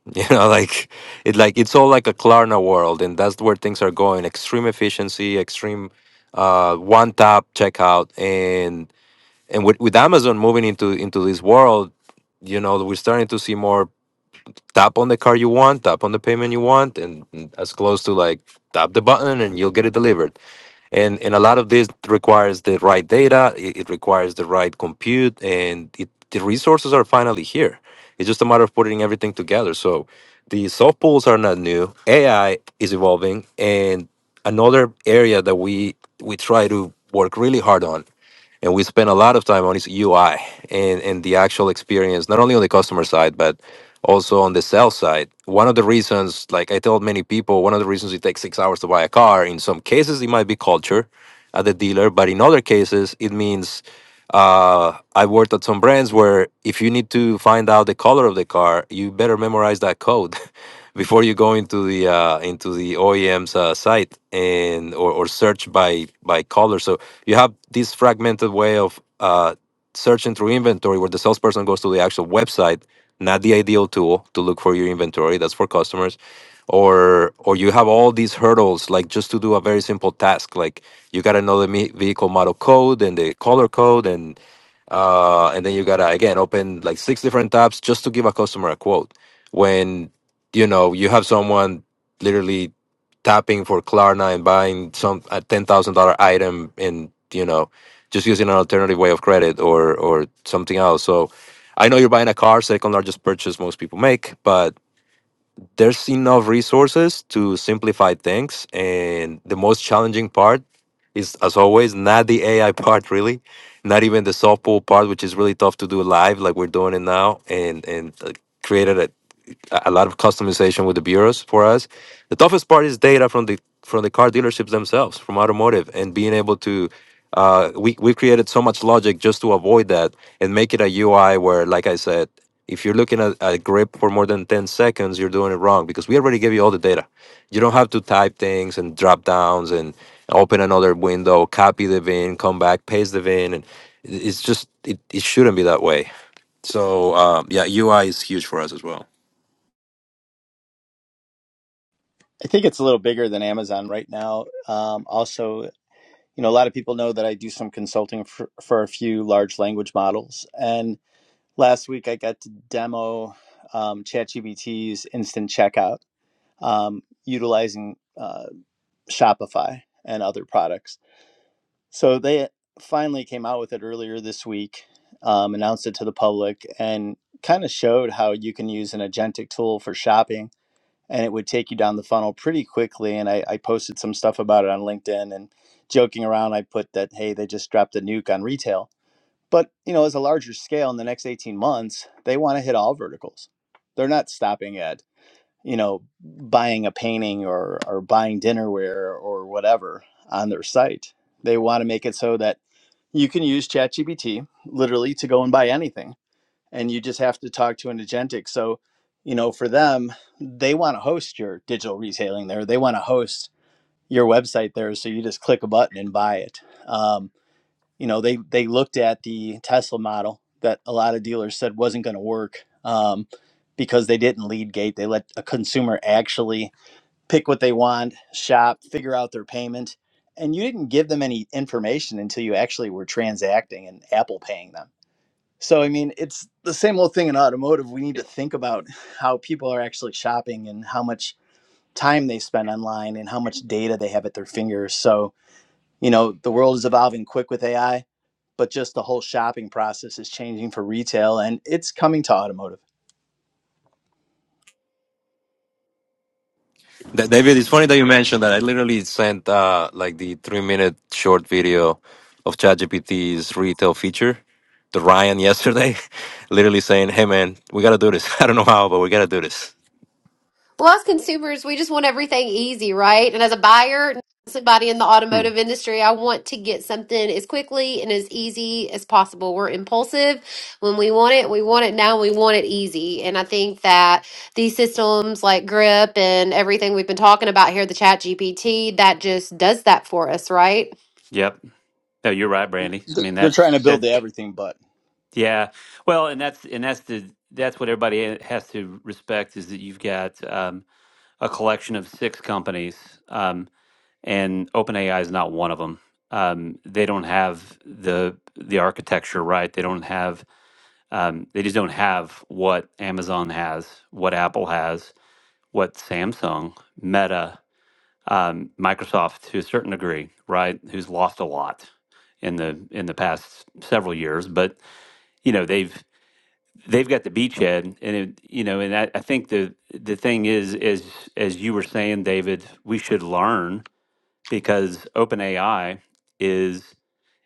Speaker 3: you know like it like it's all like a klarna world and that's where things are going extreme efficiency extreme uh, one tap checkout and and with, with amazon moving into into this world you know we're starting to see more tap on the car you want, tap on the payment you want, and and as close to like tap the button and you'll get it delivered. And and a lot of this requires the right data, it, it requires the right compute, and it, the resources are finally here. It's just a matter of putting everything together. So the soft pools are not new. AI is evolving, and another area that we we try to work really hard on and we spend a lot of time on its UI and, and the actual experience, not only on the customer side, but also on the sales side. One of the reasons, like I told many people, one of the reasons it takes six hours to buy a car, in some cases, it might be culture at the dealer, but in other cases, it means uh, I worked at some brands where if you need to find out the color of the car, you better memorize that code. Before you go into the uh, into the OEM's uh, site and or, or search by by color, So you have this fragmented way of uh, searching through inventory where the salesperson goes to the actual website not the ideal tool to look for your inventory that's for customers or or you have all these hurdles like just to do a very simple task like you got to know the me- vehicle model code and the color code and uh, and then you gotta again open like six different tabs just to give a customer a quote. When you know you have someone literally tapping for Klarna and buying some a ten thousand dollar item, and you know just using an alternative way of credit or or something else. So I know you're buying a car, second largest purchase most people make, but there's enough resources to simplify things and the most challenging part is as always not the ai part really not even the softball part which is really tough to do live like we're doing it now and and uh, created a a a lot of customization with the bureaus for us. The toughest part is data from the from the car dealerships themselves, from automotive, and being able to. Uh, we we created so much logic just to avoid that and make it a UI where, like I said, if you're looking at a grip for more than ten seconds, you're doing it wrong because we already gave you all the data. You don't have to type things and drop downs and open another window, copy the VIN, come back, paste the VIN, and it- it's just it, it shouldn't be that way. So uh, yeah, UI is huge for us as well.
Speaker 9: I think it's a little bigger than Amazon right now. Um, also, you know, a lot of people know that I do some consulting for, for a few large language models. And last week I got to demo um, ChatGPT's instant checkout um, utilizing uh, Shopify and other products. So they finally came out with it earlier this week, um, announced it to the public, and kind of showed how you can use an agentic tool for shopping and it would take you down the funnel pretty quickly. And I, I posted some stuff about it on LinkedIn and joking around, I put that, hey, they just dropped a nuke on retail. But, you know, as a larger scale in the next 18 months, they want to hit all verticals. They're not stopping at, you know, buying a painting or, or buying dinnerware or whatever on their site. They want to make it so that you can use ChatGPT literally to go and buy anything and you just have to talk to an agentic. So, you know, for them, they want to host your digital retailing there. They want to host your website there. So you just click a button and buy it. Um, you know, they they looked at the Tesla model that a lot of dealers said wasn't going to work um, because they didn't lead gate. They let a consumer actually pick what they want, shop, figure out their payment, and you didn't give them any information until you actually were transacting and Apple paying them so I mean, it's the same old thing in automotive. We need to think about how people are actually shopping and how much time they spend online and how much data they have at their fingers. So, you know, the world is evolving quick with AI, but just the whole shopping process is changing for retail and it's coming to automotive.
Speaker 3: Da- David, it's funny that you mentioned that. I literally sent uh, like the three minute short video of ChatGPT's retail feature to Ryan yesterday, literally saying, "Hey, man, we gotta do this. I don't know how, but we gotta do this."
Speaker 2: Well, as consumers, we just want everything easy, right? And as a buyer, somebody in the
Speaker 7: Hmm.
Speaker 2: automotive industry, I want to get something as quickly and as easy as possible. We're impulsive. When we want it, we want it now, we want it easy. And I think that these systems like Grip and everything we've been talking about here, the Chat GPT, that just does that for us, right?
Speaker 7: Yep. No, you're right, Brandy. I
Speaker 9: Th-
Speaker 7: mean,
Speaker 9: They're
Speaker 7: that's
Speaker 9: trying to build
Speaker 7: that.
Speaker 9: the everything but
Speaker 7: Yeah. Well, and that's and that's the that's what everybody has to respect is that you've got um, a collection of six companies, um, and OpenAI is not one of them. Um, they don't have the the architecture right. They don't have. Um, they just don't have what Amazon has, what Apple has, what Samsung, Meta. um, Microsoft to a certain degree, right? Who's lost a lot in the in the past several years, but you know they've they've got the beachhead, and it, you know, and I, I think the the thing is, is as you were saying, David, we should learn because OpenAI is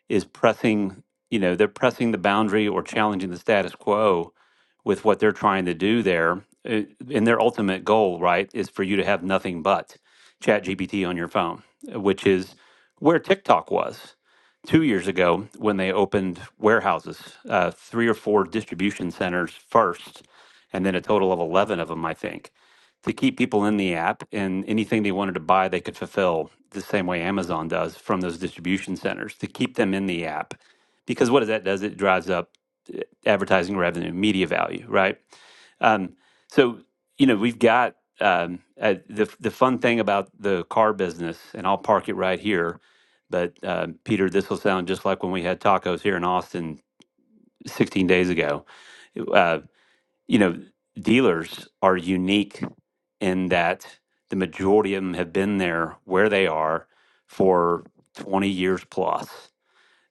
Speaker 7: is pressing, you know, they're pressing the boundary or challenging the status quo with what they're trying to do there. Uh, And their ultimate goal, right, is for you to have nothing but ChatGPT on your phone, uh, which is where TikTok was two years ago when they opened warehouses, uh, three or four distribution centers first, and then a total of 11 of them, I think to keep people in the app and anything they wanted to buy they could fulfill the same way Amazon does from those distribution centers to keep them in the app because what does that does it drives up eh, advertising revenue media value right um, so you know we've got um, uh, the the fun thing about the car business and I'll park it right here but uh, Peter this will sound just like when we had tacos here in Austin 16 days ago Uh, you know, dealers are unique in that the majority of them have been there where they are for 20 years plus.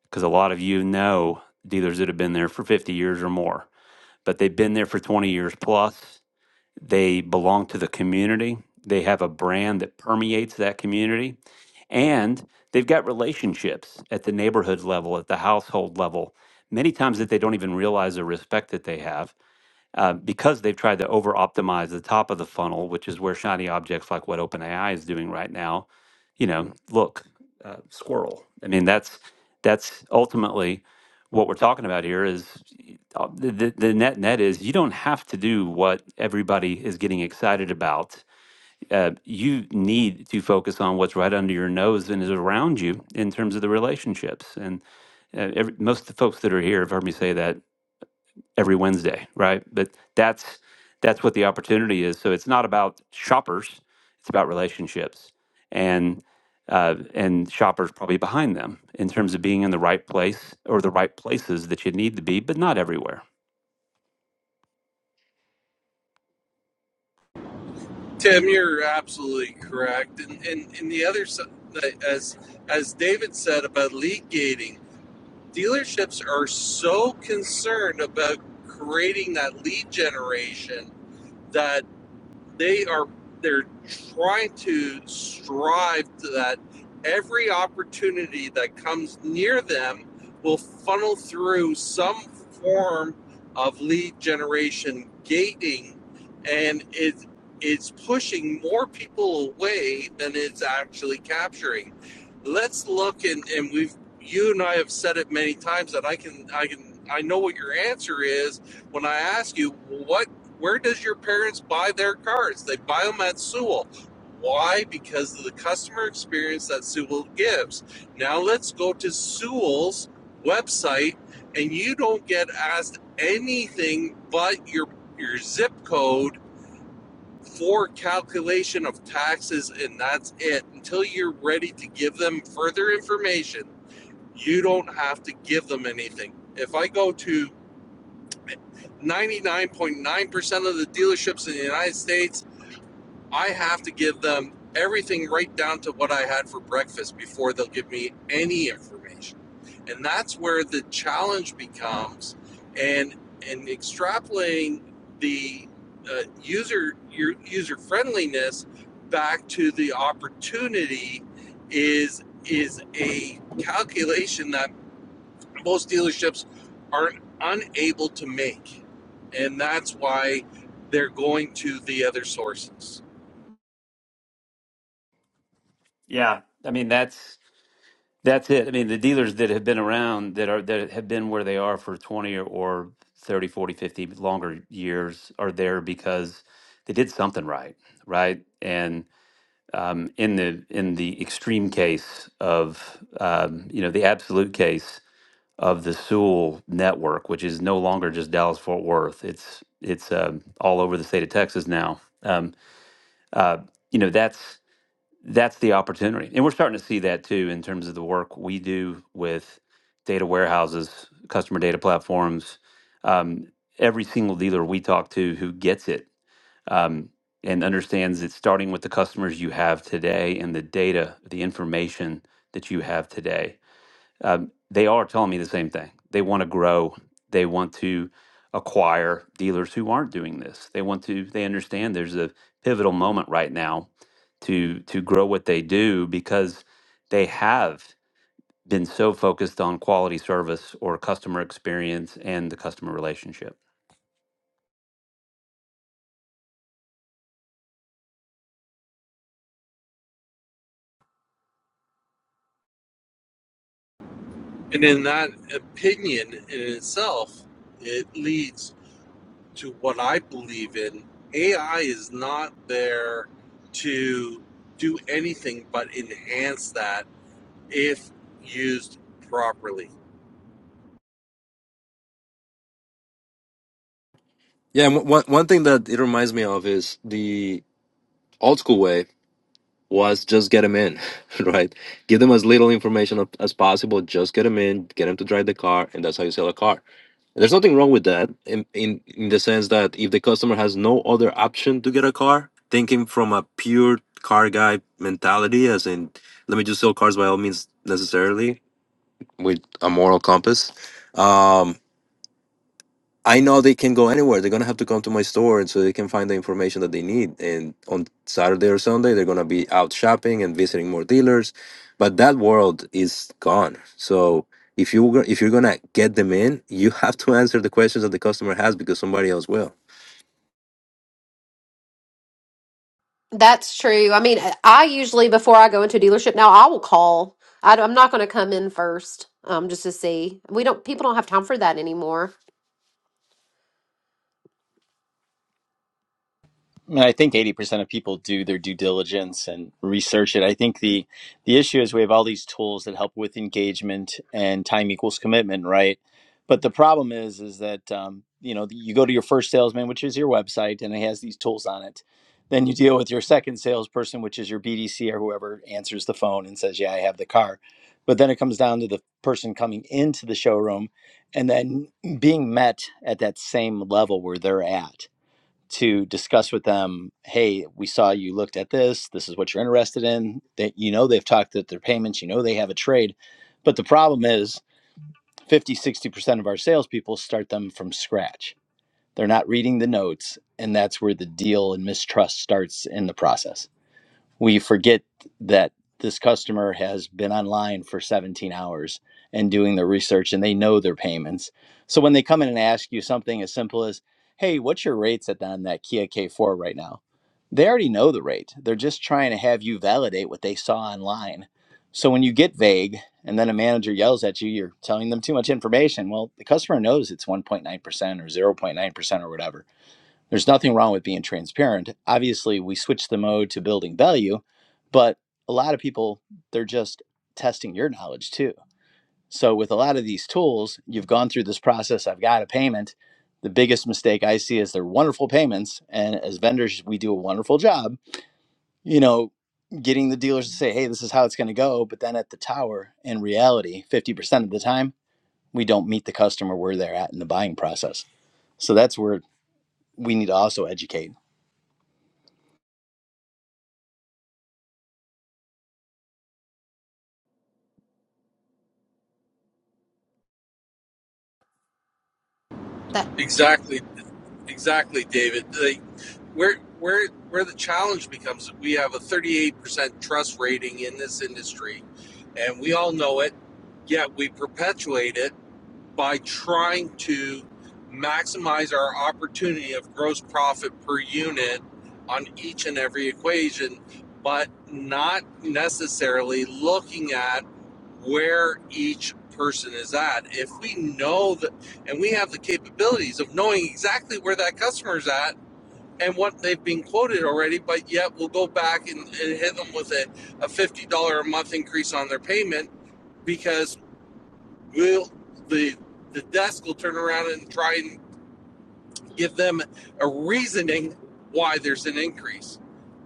Speaker 7: Because a lot of you know dealers that have been there for 50 years or more, but they've been there for 20 years plus. They belong to the community, they have a brand that permeates that community, and they've got relationships at the neighborhood level, at the household level, many times that they don't even realize the respect that they have uh, because they've tried to over optimize the top of the funnel, which is where shiny objects like what OpenAI is doing right now, you know, look, uh, squirrel. I mean, that's that's ultimately what we're talking about here. Is uh, the, the the net net is you don't have to do what everybody is getting excited about. Uh, you need to focus on what's right under your nose and is around you in terms of the relationships and uh, every, most of the folks that are here have heard me say that every Wednesday, right? But that's that's what the opportunity is. So it's not about shoppers; it's about relationships, and uh, and shoppers probably behind them in terms of being in the right place or the right places that you need to be, but not everywhere.
Speaker 8: Tim, you're absolutely correct. And, and, and the other, si- as, as David said about lead gating, dealerships are so concerned about creating that lead generation that. they are they're trying to strive to that every opportunity that comes near them will funnel through some form of lead generation gating and it it's pushing more people away than it's actually capturing let's look and, and we've you and i have said it many times that i can i can i know what your answer is when i ask you what where does your parents buy their cars? They buy them at Sewell. Why? Because of the customer experience that Sewell gives. Now let's go to Sewell's website, and you don't get asked anything but your your zip code for calculation of taxes, and that's it. Until you're ready to give them further information, you don't have to give them anything. If I go to 99.9% of the dealerships in the United States I have to give them everything right down to what I had for breakfast before they'll give me any information. And that's where the challenge becomes and and extrapolating the uh, user your user friendliness back to the opportunity is is a calculation that most dealerships are unable to make. And that's why they're going to the other sources.
Speaker 7: Yeah, I mean that's that's it. I mean the dealers that have been around that are that have been where they are for twenty or, or 30, forty, fifty longer years are there because they did something right, right? And um, in the in the extreme case of um, you know the absolute case of the Sewell network, which is no longer just Dallas Fort Worth. It's it's um all over the state of Texas now. Um, uh, you know that's that's the opportunity, and we're starting to see that too in terms of the work we do with data warehouses, customer data platforms. Um, every single dealer we talk to who gets it um, and understands that starting with the customers you have today and the data, the information that you have today, um, they are telling me the same thing. They want to grow. They want to acquire dealers who aren't doing this. They want to. They understand there's a pivotal moment right now to to grow what they do because they have been so focused on quality service or customer experience and the customer relationship.
Speaker 8: And in that opinion in itself, it leads to what I believe in. AI is not there to do anything but enhance that if used properly.
Speaker 3: Yeah, and one one thing that it reminds me of is the old school way. was just get them in, right? Give them as little information ap- as possible. Just get them in, get them to drive the car, and that's how you sell a car. There's nothing wrong with that in, in, in the sense that if the customer has no other option to get a car, thinking from a pure car guy mentality, as in, let me just sell cars by all means necessarily with a moral compass. Um, I know they can go anywhere. They're gonna have to come to my store, and so they can find the information that they need. And on Saturday or Sunday, they're gonna be out shopping and visiting more dealers. But that world is gone. So if you were- if you're gonna get them in, you have to answer the questions that the customer has because somebody else will.
Speaker 2: That's true. I mean, I usually, before I go into a dealership now, I will call. I, I'm not going to come in first um, just to see. We don't, people don't have time for that anymore.
Speaker 9: And I think 80% of people do their due diligence and research it. I think the the issue is we have all these tools that help with engagement and time equals commitment, right? But the problem is is that um, you know you go to your first salesman, which is your website, and it has these tools on it. Then you deal with your second salesperson, which is your BDC or whoever answers the phone and says, "Yeah, I have the car." But then it comes down to the person coming into the showroom and then being met at that same level where they're at to discuss with them hey we saw you looked at this this is what you're interested in that you know they've talked that their payments you know they have a trade but the problem is fifty sixty percent of our salespeople start them from scratch they're not reading the notes and that's where the deal and mistrust starts in the process we forget that this customer has been online for 17 hours and doing their research and they know their payments. So when they come in and ask you something as simple as, hey, what's your rates at on that Kia K4 right now? They already know the rate. They're just trying to have you validate what they saw online. So when you get vague and then a manager yells at you, you're telling them too much information. Well, the customer knows it's 1.9% or 0.9% or whatever. There's nothing wrong with being transparent. Obviously, we switched the mode to building value, but a lot of people, they're just testing your knowledge too. So, with a lot of these tools, you've gone through this process. I've got a payment. The biggest mistake I see is they're wonderful payments. And as vendors, we do a wonderful job, you know, getting the dealers to say, hey, this is how it's going to go. But then at the tower, in reality, 50% of the time, we don't meet the customer where they're at in the buying process. So, that's where we need to also educate
Speaker 2: That
Speaker 8: Exactly, exactly, David. Like, where where where the challenge becomes we have a 38% trust rating in this industry, and we all know it. Yet we perpetuate it by trying to maximize our opportunity of gross profit per unit on each and every equation, but not necessarily looking at where each person is at. If we know that, and we have the capabilities of knowing exactly where that customer is at and what they've been quoted already, but yet we'll go back and, and hit them with a, a $50 a month increase on their payment because will the the desk will turn around and try and give them a reasoning why there's an increase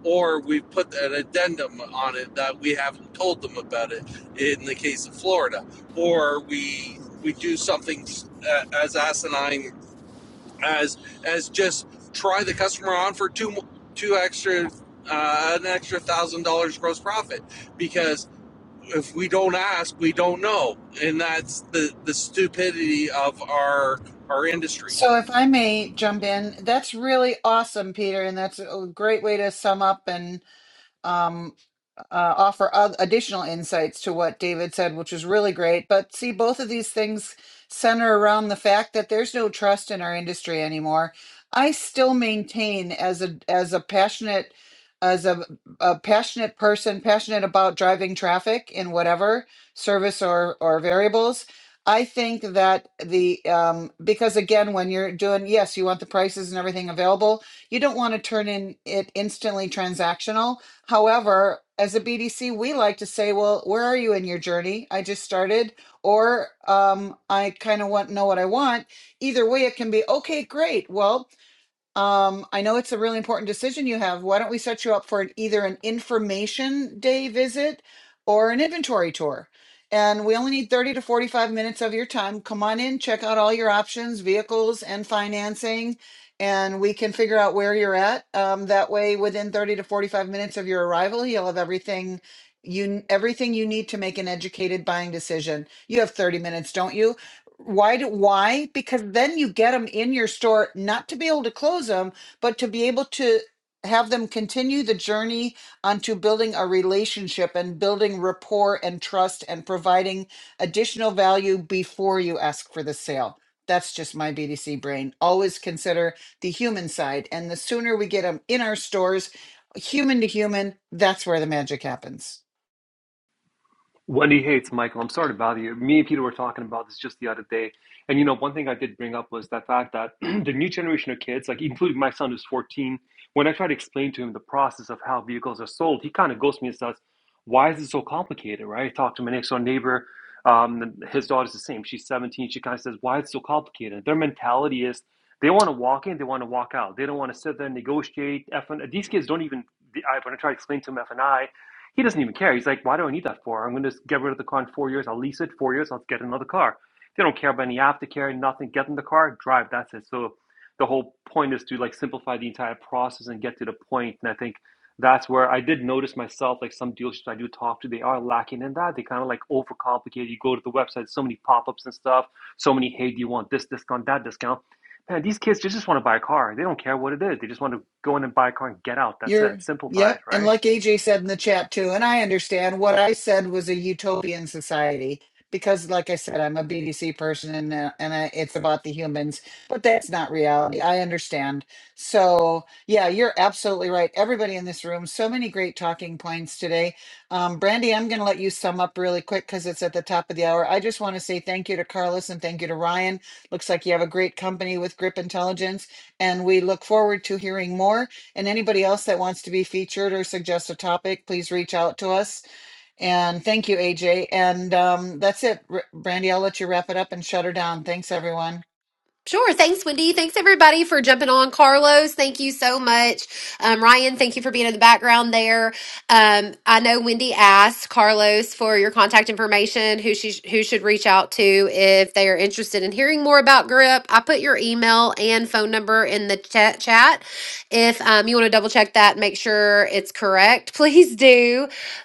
Speaker 8: or we put an addendum on it that we haven't told them about it in the case of Florida or we we do something uh, as asinine as as just try the customer on for two two extra uh, an extra one thousand dollars gross profit because if we don't ask, we don't know, and that's the the stupidity of our our industry.
Speaker 1: So, if I may jump in, that's really awesome, Peter, and that's a great way to sum up and um, uh, offer oth- additional insights to what David said, which was really great. But see, both of these things center around the fact that there's no trust in our industry anymore. I still maintain as a as a passionate as a, a passionate person, passionate about driving traffic in whatever service or or variables. I think that the um, because again, when you're doing yes, you want the prices and everything available. You don't want to turn in it instantly transactional However, as a BDC, we like to say, well, where are you in your journey? I just started, or um, I kind of want know what I want. Either way, it can be okay, great. Well, um, I know it's a really important decision you have. Why don't we set you up for an, either an information day visit or an inventory tour? And we only need 30 to 45 minutes of your time. Come on in, check out all your options, vehicles, and financing, and we can figure out where you're at. Um, that way, within 30 to 45 minutes of your arrival, you'll have everything you everything you need to make an educated buying decision. You have 30 minutes, don't you? Why do why? Because then you get them in your store not to be able to close them, but to be able to have them continue the journey onto building a relationship and building rapport and trust and providing additional value before you ask for the sale. That's just my BDC brain. Always consider the human side. And the sooner we get them in our stores, human to human, that's where the magic happens.
Speaker 10: Wendy hates Michael. I'm sorry to bother you. Me and Peter were talking about this just the other day. And, you know, one thing I did bring up was that fact that the new generation of kids, like including my son who's 14, when I try to explain to him the process of how vehicles are sold, he kind of goes to me and says, Why is it so complicated, right? I talked to my next door neighbor. Um, his daughter's the same. She's 17. She kind of says, Why it's so complicated? Their mentality is they want to walk in, they want to walk out. They don't want to sit there and negotiate. F and, these kids don't even, I, when I try to explain to them F and I, he doesn't even care. He's like, why do I need that for? I'm going to get rid of the car in four years. I'll lease it four years. I'll get another car. They don't care about any aftercare, nothing. Get in the car, drive. That's it. So the whole point is to like simplify the entire process and get to the point. And I think that's where I did notice myself, like some dealerships I do talk to, they are lacking in that. They kind of like overcomplicate. You go to the website, so many pop-ups and stuff, so many, hey, do you want this discount, that discount? Man, these kids just, just want to buy a car. They don't care what it is. They just want to go in and buy a car and get out. That's it.
Speaker 1: You're,
Speaker 10: Simplify
Speaker 1: yep.
Speaker 10: it,
Speaker 1: And
Speaker 10: right?
Speaker 1: like AJ said in the chat too, and I understand what I said was a utopian society because, like I said, I'm a BDC person and, uh, and I, it's about the humans, but that's not reality. I understand. So, yeah, you're absolutely right. Everybody in this room, so many great talking points today. Um, Brandy, I'm going to let you sum up really quick because it's at the top of the hour. I just want to say thank you to Carlos and thank you to Ryan. Looks like you have a great company with Grip Intelligence, and we look forward to hearing more. And anybody else that wants to be featured or suggest a topic, please reach out to us. And thank you, AJ. And um, that's it. R- Brandy, I'll let you wrap it up and shut her down. Thanks, everyone.
Speaker 2: Sure. Thanks, Wendy. Thanks, everybody, for jumping on. Carlos, thank you so much. Um, Ryan, thank you for being in the background there. Um, I know Wendy asked Carlos for your contact information, who she who should reach out to if they are interested in hearing more about GRIP. I put your email and phone number in the chat. chat. If um, you want to double check that, and make sure it's correct, please do.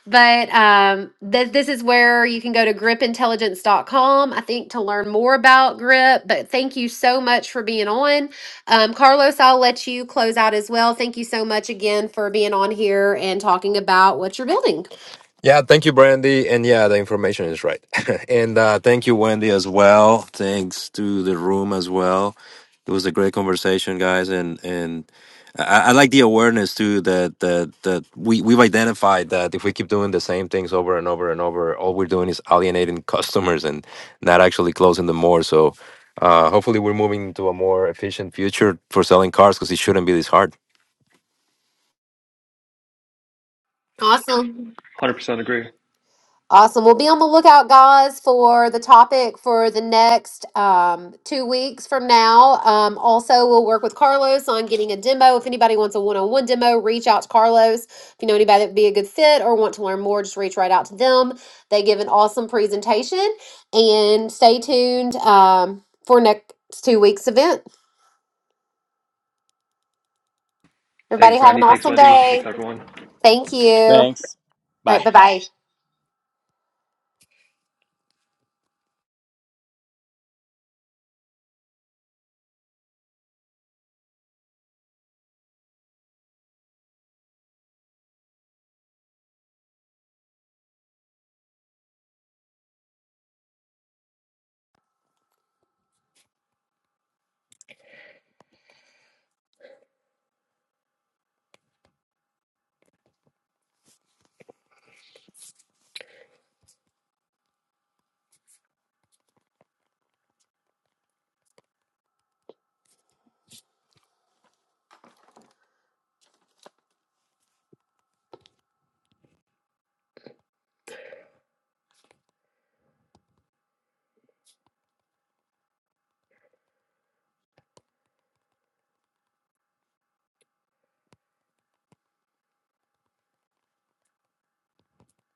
Speaker 2: But um, th- this is where you can go to gripintelligence.com, I think, to learn more about GRIP. But thank you so much for being on. Um, Carlos, I'll let you close out as well. Thank you so much again for being on here and talking about what you're building.
Speaker 3: Yeah, thank you, Brandy. And yeah, the information is right. and uh, thank you, Wendy, as well. Thanks to the room as well. It was a great conversation, guys. And and I, I like the awareness too that that that we we've identified that if we keep doing the same things over and over and over, all we're doing is alienating customers and not actually closing them more. So uh, hopefully, we're moving to a more efficient future for selling cars because it shouldn't be this hard.
Speaker 2: Awesome.
Speaker 10: 100% agree.
Speaker 2: Awesome. We'll be on the lookout, guys, for the topic for the next um, two weeks from now. Um, also, we'll work with Carlos on getting a demo. If anybody wants a one on one demo, reach out to Carlos. If you know anybody that would be a good fit or want to learn more, just reach right out to them. They give an awesome presentation. And stay tuned um, for next two weeks' event. Everybody,
Speaker 10: Thanks,
Speaker 2: have an
Speaker 10: Brandy. Thanks,
Speaker 2: awesome
Speaker 10: Wendy. Thanks,
Speaker 2: day.
Speaker 10: everyone.
Speaker 2: Thank you. All
Speaker 9: Thanks. Bye.
Speaker 2: right. Bye bye.